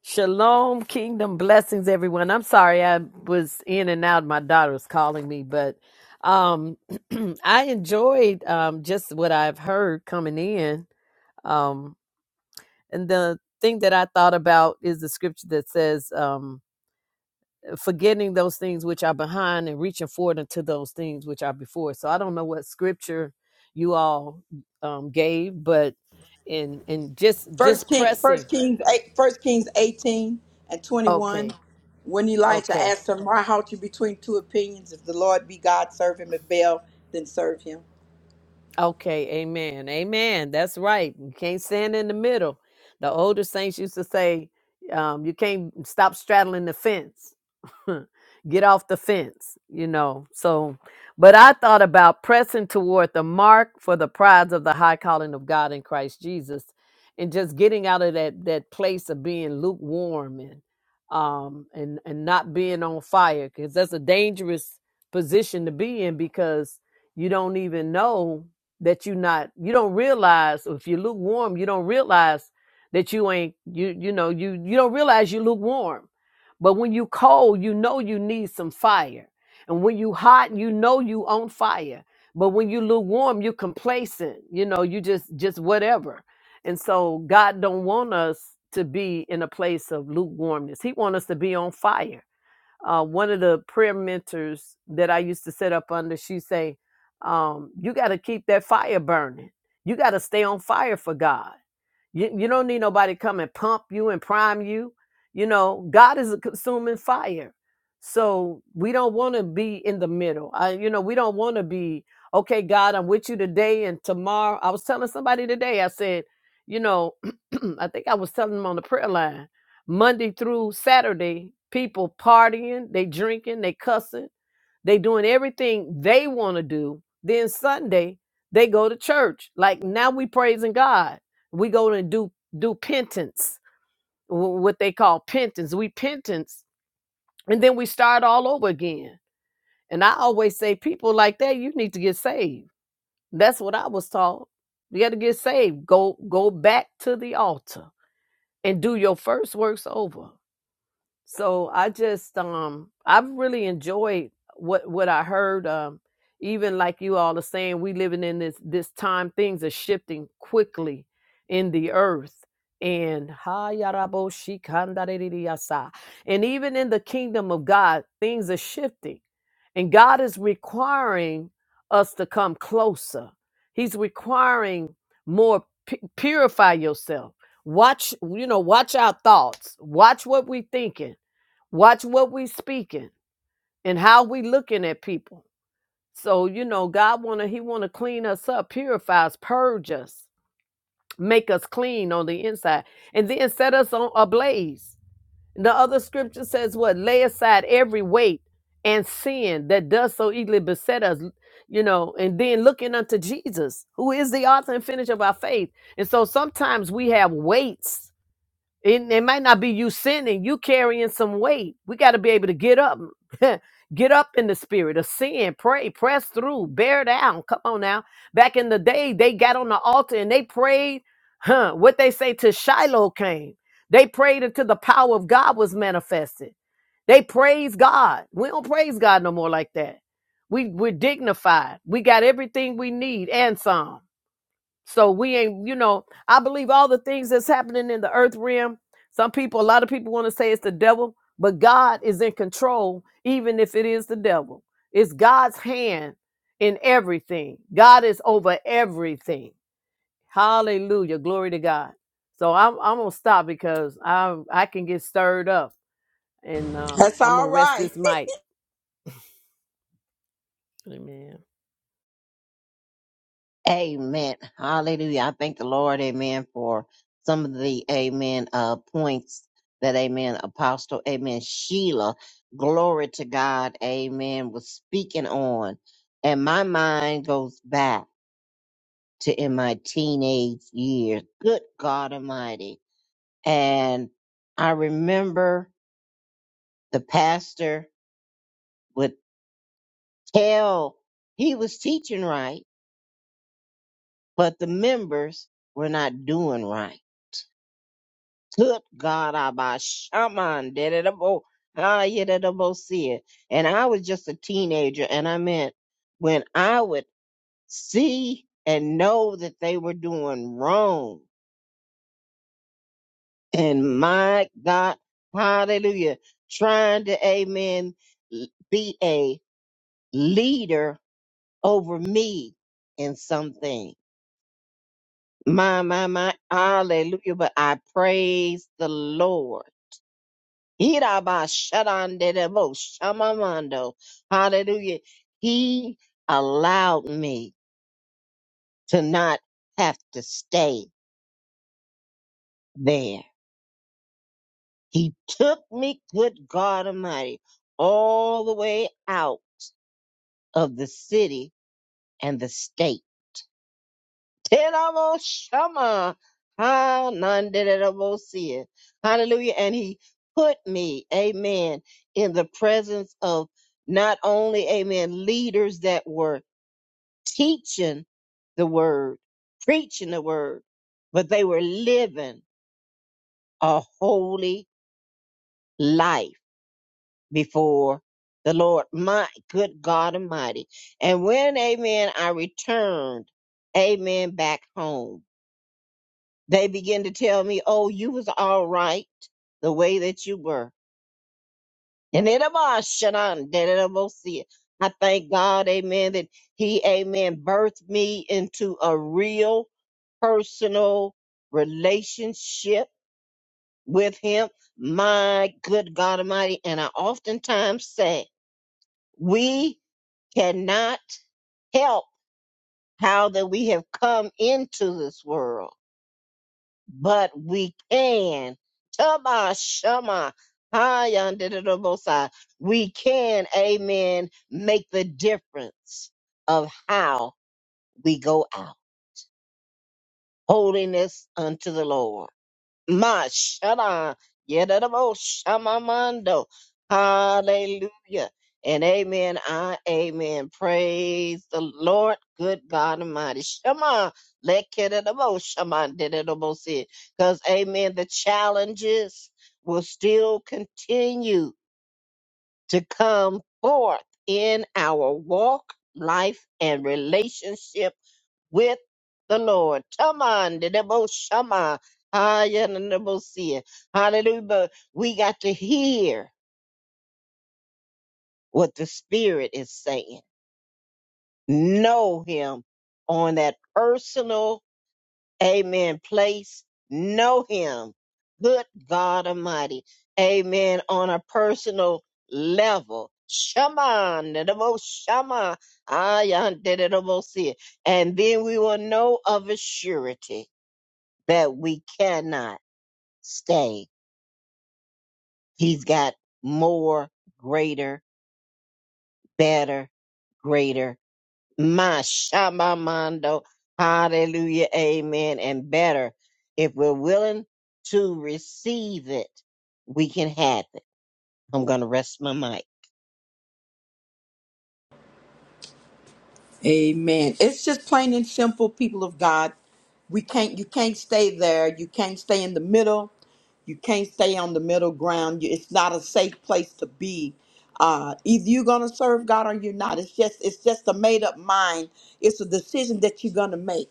[SPEAKER 5] Shalom, kingdom blessings, everyone. I'm sorry I was in and out. My daughter was calling me, but um, I enjoyed um, just what I've heard coming in. Um, and the thing that I thought about is the scripture that says, um, forgetting those things which are behind and reaching forward unto those things which are before. So I don't know what scripture you all um, gave, but in in just
[SPEAKER 1] First
[SPEAKER 5] just
[SPEAKER 1] King, First
[SPEAKER 5] pressing.
[SPEAKER 1] Kings, eight, First Kings eighteen and twenty-one.
[SPEAKER 5] Okay,
[SPEAKER 1] When Elijah
[SPEAKER 5] okay,
[SPEAKER 1] asked him, "Why halt you between two opinions? If the Lord be God, serve Him. If Baal, then serve Him."
[SPEAKER 5] okay. Amen, amen. That's right. You can't stand in the middle. The older saints used to say, um, "You can't stop straddling the fence." get off the fence, you know. So, but I thought about pressing toward the mark for the prize of the high calling of God in Christ Jesus, and just getting out of that that place of being lukewarm and um and and not being on fire because that's a dangerous position to be in because you don't even know that you not you don't realize if you're lukewarm you don't realize that you ain't you you know you you don't realize you're lukewarm but when you cold, you know you need some fire. And when you hot, you know you on fire. But when you lukewarm, you complacent. You know, you just just whatever. And so God don't want us to be in a place of lukewarmness. He want us to be on fire. Uh, one of the prayer mentors that I used to set up under, she say, um, "You got to keep that fire burning. You got to stay on fire for God." You, you don't need nobody to come and pump you and prime you. You know, God is a consuming fire. So we don't want to be in the middle. I, you know, we don't want to be, okay, God, I'm with you today and tomorrow. I was telling somebody today, I said, you know, I think I was telling them on the prayer line, Monday through Saturday, people partying, they drinking, they cussing they doing everything they want to do. Then Sunday they go to church. Like now we praising God. We go and do do penance, wh- what they call penance. We penance, and then we start all over again. And I always say, people like that, you need to get saved. That's what I was taught. You got to get saved. Go go back to the altar and do your first works over. so I just um I've really enjoyed what what I heard um even like you all are saying we living in this this time things are shifting quickly in the earth and ha yarabo shi kanda de de de yasa, and even in the kingdom of God things are shifting and God is requiring us to come closer he's requiring more pu- purify yourself watch you know watch our thoughts watch what we thinking watch what we speaking and how we looking at people so you know god wanna he wanna clean us up purify us purge us make us clean on the inside and then set us on ablaze the other scripture says what lay aside every weight and sin that does so easily beset us you know and then looking unto jesus who is the author and finish of our faith and so sometimes we have weights it, it might not be you sinning, you carrying some weight. We got to be able to get up, get up in the spirit of sin, pray, press through, bear down. Come on now. Back in the day, they got on the altar and they prayed. Huh, what they say to Shiloh came. They prayed until the power of God was manifested. They praise God. We don't praise God no more like that. We we're dignified. We got everything we need and some. So we ain't, you know, I believe all the things that's happening in the earth realm. Some people, a lot of people want to say it's the devil, but God is in control, even if it is the devil. It's God's hand in everything. God is over everything. Hallelujah. Glory to God. So I'm, I'm gonna stop because I I can get stirred up and um,
[SPEAKER 1] That's
[SPEAKER 5] I'm gonna
[SPEAKER 1] all
[SPEAKER 5] rest
[SPEAKER 1] right.
[SPEAKER 5] this mic. Amen.
[SPEAKER 4] Amen. Hallelujah. I thank the Lord, amen, for some of the amen uh points that amen apostle amen Sheila glory to God amen was speaking on and my mind goes back to in my teenage years good God almighty and I remember the pastor would tell he was teaching right but the members were not doing right Good God, I by shaman, did did it about, how you did about see it, And I was just a teenager, and I meant when I would see and know that they were doing wrong. And my God, hallelujah, trying to, amen, l- be a leader over me in something. My, my, my, hallelujah. But I praise the Lord Iraba shadanderebo shamamando. Hallelujah. He allowed me to not have to stay there. He took me, good God Almighty, all the way out of the city and the state. Terebo shama hananderebo sia. Hallelujah. And he put me, amen, in the presence of not only, amen, leaders that were teaching the word, preaching the word, but they were living a holy life before the Lord, my good God Almighty. And when, amen, I returned, amen, back home, they began to tell me, oh, you was all right the way that you were. And it about Shanan, that it about see it. I thank God, amen, that He, amen, birthed me into a real personal relationship with Him. My good God Almighty. And I oftentimes say, we cannot help how that we have come into this world but we can. Tama Shama. Hi, under the both side. We can, amen, make the difference of how we go out. Holiness unto the Lord. Ma shada yedabo shamamando. Hallelujah. And amen. I amen. Praise the Lord. Good God Almighty. Shema. Let kedabo shaman see. Because amen. The challenges will still continue to come forth in our walk, life, and relationship with the Lord. come Taman de debo shama. Hallelujah, the na see it. Hallelujah. But We got to hear what the Spirit is saying. Know Him on that personal, amen, place. Know Him. Good God Almighty. Amen. On a personal level. Shaman, de debo shama. Haya de debo sia. And then we will know of a surety. that we cannot stay. He's got more, greater, better, greater. My Shabamando. Hallelujah. Amen. And better. If we're willing to receive it, we can have it. I'm going to rest my mic.
[SPEAKER 1] Amen. It's just plain and simple, people of God. We can't you can't stay there. You can't stay in the middle. You can't stay on the middle ground. You- It's not a safe place to be. Uh, either you're gonna serve God or you're not. It's just it's just a made up mind. It's a decision that you're gonna make.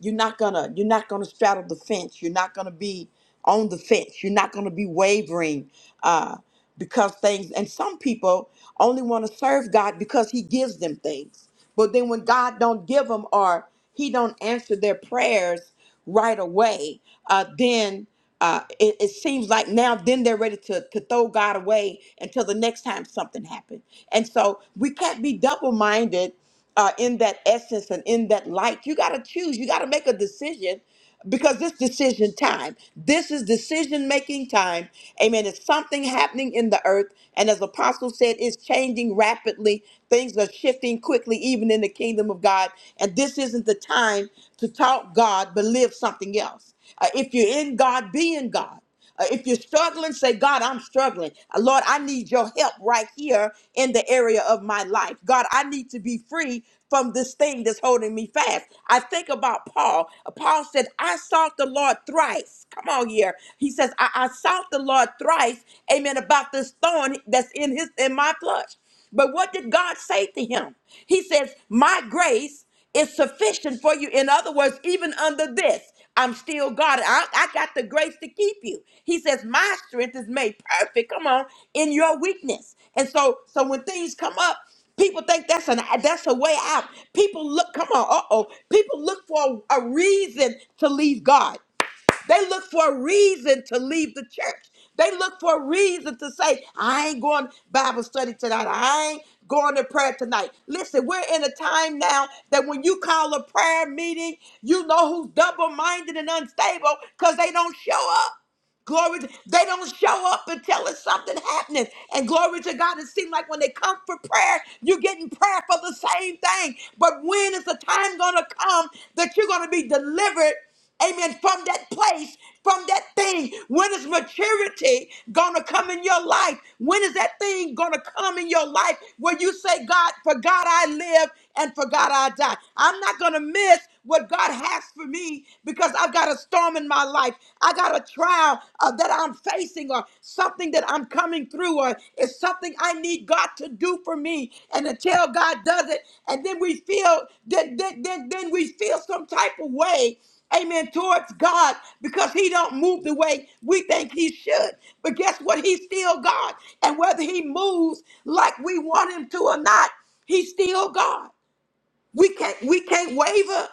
[SPEAKER 1] You're not gonna you're not gonna straddle the fence. You're not gonna be on the fence. You're not gonna be wavering. Uh, because things and some people only want to serve God because he gives them things. But then when God don't give them or he don't answer their prayers right away, uh, then uh, it, it seems like now then they're ready to, to throw God away until the next time something happens. And so we can't be double-minded uh, in that essence and in that light. You got to choose. You got to make a decision because this decision time this is decision making time amen it's something happening in the earth and as apostle said it's changing rapidly things are shifting quickly even in the kingdom of god and this isn't the time to talk god but live something else Uh, if you're in god be in god uh, if you're struggling, say, God, I'm struggling. Uh, Lord, I need your help right here in the area of my life. God, I need to be free from this thing that's holding me fast. I think about Paul. Uh, Paul said, I sought the Lord thrice. Come on here. He says, I, I sought the Lord thrice, amen, about this thorn that's in his in my flesh. But what did God say to him? He says, My grace it's sufficient for you. In other words, even under this, I'm still God. I, I got the grace to keep you. He says, My strength is made perfect. Come on, in your weakness. And so, so when things come up, people think that's an that's a way out. People look, come on, uh-oh. People look for a reason to leave God. They look for a reason to leave the church. They look for a reason to say, I ain't going to Bible study tonight. I ain't going to prayer tonight. Listen, we're in a time now that when you call a prayer meeting, you know who's double minded and unstable because they don't show up. Glory, to, they don't show up until it's something happening. And glory to God, it seems like when they come for prayer, you're getting prayer for the same thing. But when is the time going to come that you're going to be delivered? Amen. From that place, from that thing. When is maturity going to come in your life? When is that thing going to come in your life where you say, God, for God I live and for God I die? I'm not going to miss what God has for me because I've got a storm in my life. I got a trial uh, that I'm facing or something that I'm coming through or it's something I need God to do for me. And until God does it, and then we feel then then then, then we feel some type of way. Amen. Towards God because he don't move the way we think he should. But guess what? He's still God. And whether he moves like we want him to or not, he's still God. We can't we can't waver.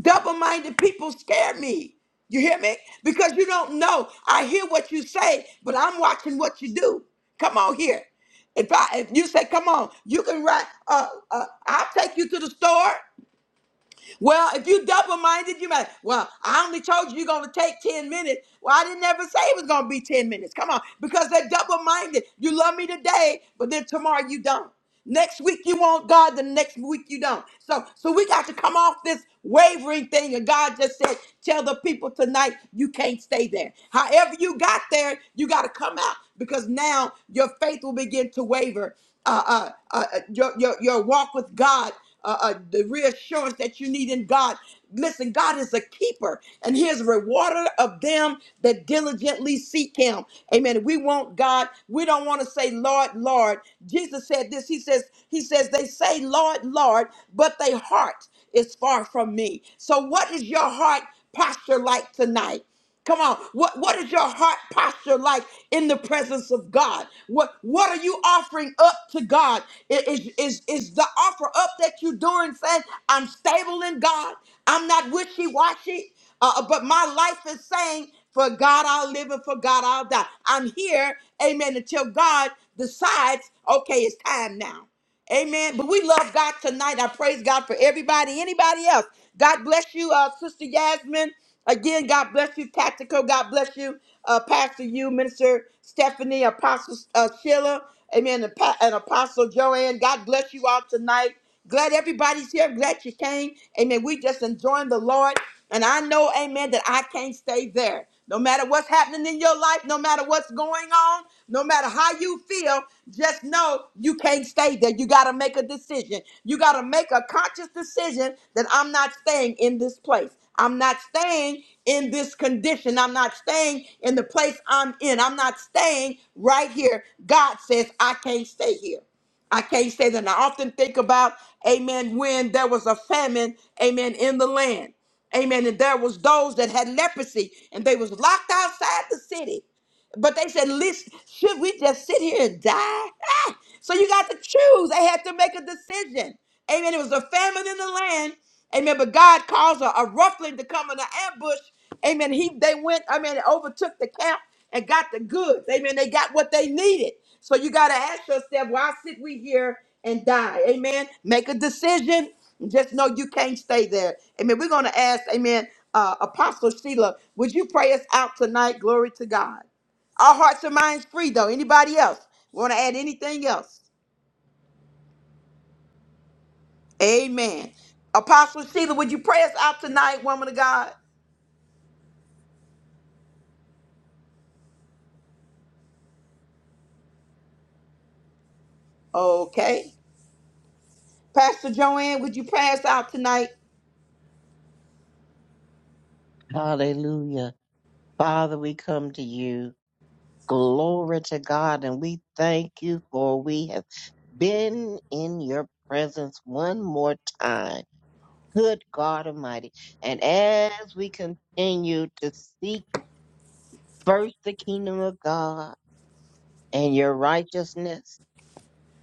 [SPEAKER 1] Double minded people scare me. You hear me? Because you don't know. I hear what you say, but I'm watching what you do. Come on here. If I if you say, come on, you can write. Uh, uh, I'll take you to the store. Well, if you double minded, you might. Well, I only told you you're going to take 10 minutes. Well, I didn't ever say it was going to be 10 minutes. Come on, because they're double minded. You love me today, but then tomorrow you don't. Next week you want God, the next week you don't. So, so we got to come off this wavering thing. And God just said, tell the people tonight you can't stay there. However you got there, you got to come out because now your faith will begin to waver uh, uh, uh, your, your, your walk with God, uh, uh, the reassurance that you need in God. Listen, God is a keeper, and He is a rewarder of them that diligently seek Him. Amen. We want God. We don't want to say, Lord, Lord. Jesus said this. He says, He says, they say, Lord, Lord, but their heart is far from me. So, what is your heart posture like tonight? Come on. What what is your heart posture like in the presence of God? What what are you offering up to God? I- Is is is the offer up that you're doing saying, I'm stable in God, I'm not wishy-washy, uh, uh, but my life is saying, for God I'll live and for God I'll die. I'm here, amen, until God decides, okay, it's time now. Amen. But we love God tonight. I praise God for everybody, anybody else. God bless you, uh, Sister Yasmin. Again, God bless you, Tactical. God bless you, uh, Pastor you, Minister Stephanie, Apostle uh, Sheila. Amen. And, pa- and Apostle Joanne. God bless you all tonight. Glad everybody's here. Glad you came. Amen. We just enjoying the Lord. And I know, amen, that I can't stay there. No matter what's happening in your life, no matter what's going on, no matter how you feel, just know you can't stay there. You got to make a decision. You got to make a conscious decision that I'm not staying in this place. I'm not staying in this condition. I'm not staying in the place I'm in. I'm not staying right here. God says, I can't stay here. I can't say that. And I often think about, amen, when there was a famine, amen, in the land. Amen. And there was those that had leprosy and they was locked outside the city. But they said, listen, should we just sit here and die? Ah! So you got to choose. They had to make a decision. Amen. It was a famine in the land. Amen. But God caused a, a ruffling to come in an ambush. Amen. He they went, I mean, overtook the camp and got the goods. Amen. They got what they needed. So you got to ask yourself, why sit we here and die? Amen. Make a decision. Just know you can't stay there. Amen. We're going to ask, Amen, uh, Apostle Sheila, would you pray us out tonight? Glory to God. Our hearts and minds free though. Anybody else want to add anything else? Amen. Apostle Sheila, would you pray us out tonight, woman of God? Okay. Pastor Joanne, would you pray us out tonight?
[SPEAKER 4] Hallelujah. Father, we come to you. Glory to God. And we thank you for we have been in your presence one more time. Good God Almighty. And as we continue to seek first the kingdom of God and your righteousness,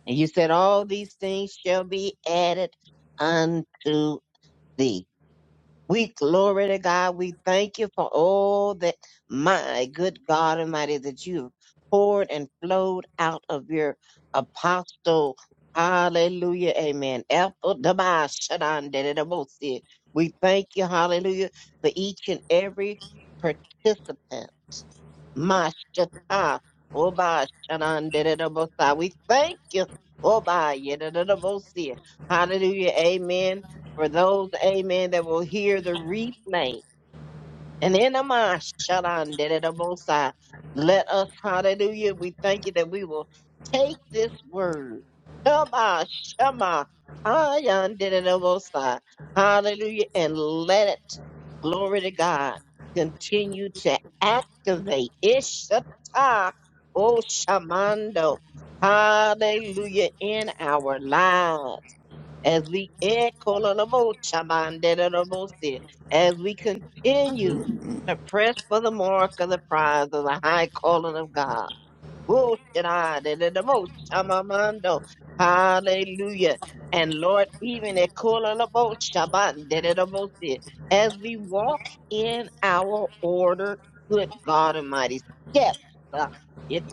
[SPEAKER 4] and you said, All these things shall be added unto thee. We glory to God. We thank you for all that, my good God Almighty, that you've poured and flowed out of your apostle. Hallelujah. Amen. Alpha, Dabai, Shaddai, Dede, Dabosi. We thank you, hallelujah, for each and every participant. Mashata, Oba Shananderabosa. We thank you, Oba Yederabosia. Hallelujah. Amen. For those, amen, that will hear the replay. And in the mind, shut on, did the Most High. Let us, hallelujah, we thank you that we will take this word. Shema, Shema, Hayan, did it the Most High. Hallelujah, and let it, glory to God, continue to activate. Ishata, oh, Shamando. Hallelujah, in our lives as we as we continue to press for the mark of the prize of the high calling of God. Hallelujah. And Lord, even at as we walk in our order, good God Almighty, steps. uh, We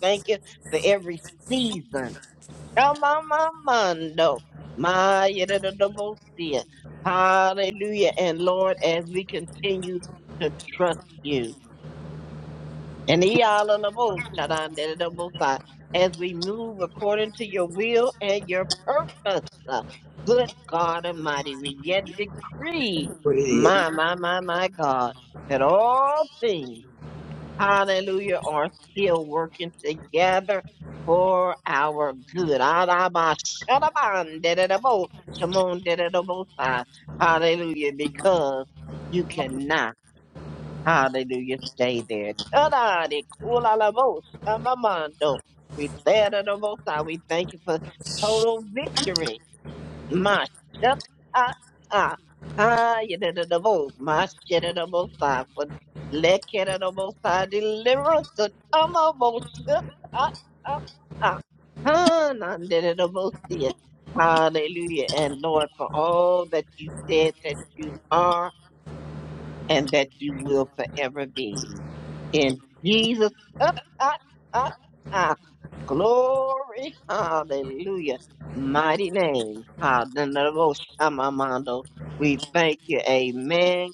[SPEAKER 4] thank you for every season. Amamamando. My yadadadabosia. Hallelujah. And Lord, as we continue to trust you. And yalalaboshadandadadabosa, as we move according to your will and your purpose. uh, Good God Almighty, we yet decree, my, my, my, my God, that all things hallelujah, are still working together for our good. Araba shadaban dededabo, shamon dededabosai. Hallelujah, because you cannot, hallelujah, stay there. Tadade kulalabo shamamando. We dededabosai. we thank you for total victory my shut ah ah ah you did it double my shit it double side for let it a double side deliverance to come almost shut ah ah ah ah none did it double see it. Hallelujah and Lord for all that you said that you are and that you will forever be in Jesus ah ah ah Glory, hallelujah. Mighty name, hallelujah. We thank you, amen,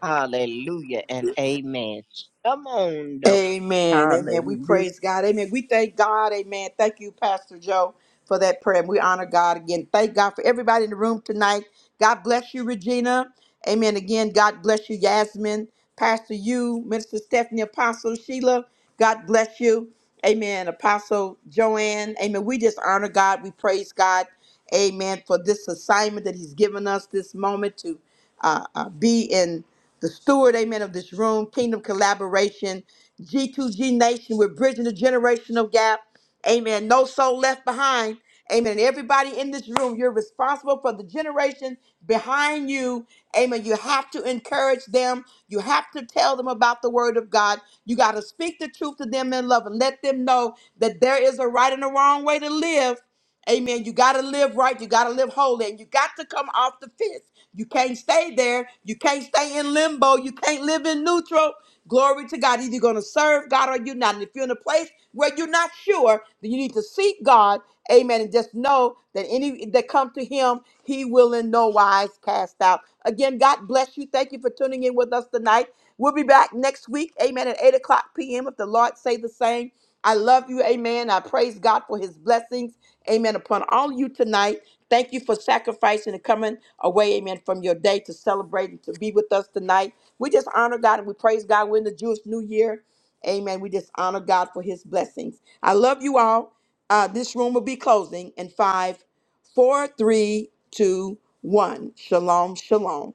[SPEAKER 4] hallelujah, and amen. Come on, though.
[SPEAKER 1] Amen. Amen. We
[SPEAKER 4] Hallelujah.
[SPEAKER 1] praise God. Amen. We thank God. Amen. Thank you, Pastor Joe, for that prayer. And we honor God again. Thank God for everybody in the room tonight. God bless you, Regina. Amen. Again, God bless you, Yasmin, Pastor you, Minister Stephanie, Apostle Sheila. God bless you. Amen. Apostle Joanne. Amen. We just honor God. We praise God. Amen. For this assignment that He's given us this moment to uh, uh, be in the steward, amen, of this room, kingdom collaboration. G2G Nation. We're bridging the generational gap. Amen. No soul left behind. Amen. And everybody in this room, you're responsible for the generation behind you. Amen. You have to encourage them. You have to tell them about the word of God. You got to speak the truth to them in love and let them know that there is a right and a wrong way to live. Amen. You got to live right. You got to live holy. And you got to come off the fence. You can't stay there. You can't stay in limbo. You can't live in neutral. Glory to God. Either you're going to serve God or you're not. And if you're in a place where you're not sure, then you need to seek God. Amen. And just know that any that come to him, he will in no wise cast out. Again, God bless you. Thank you for tuning in with us tonight. We'll be back next week. Amen. At 8 o'clock p.m. if the Lord say the same. I love you. Amen. I praise God for his blessings. Amen. Upon all of you tonight. Thank you for sacrificing and coming away, amen, from your day to celebrate and to be with us tonight. We just honor God and we praise God. We're in the Jewish New Year. Amen. We just honor God for his blessings. I love you all. Uh, this room will be closing in five, four, three, two, one. Shalom, shalom.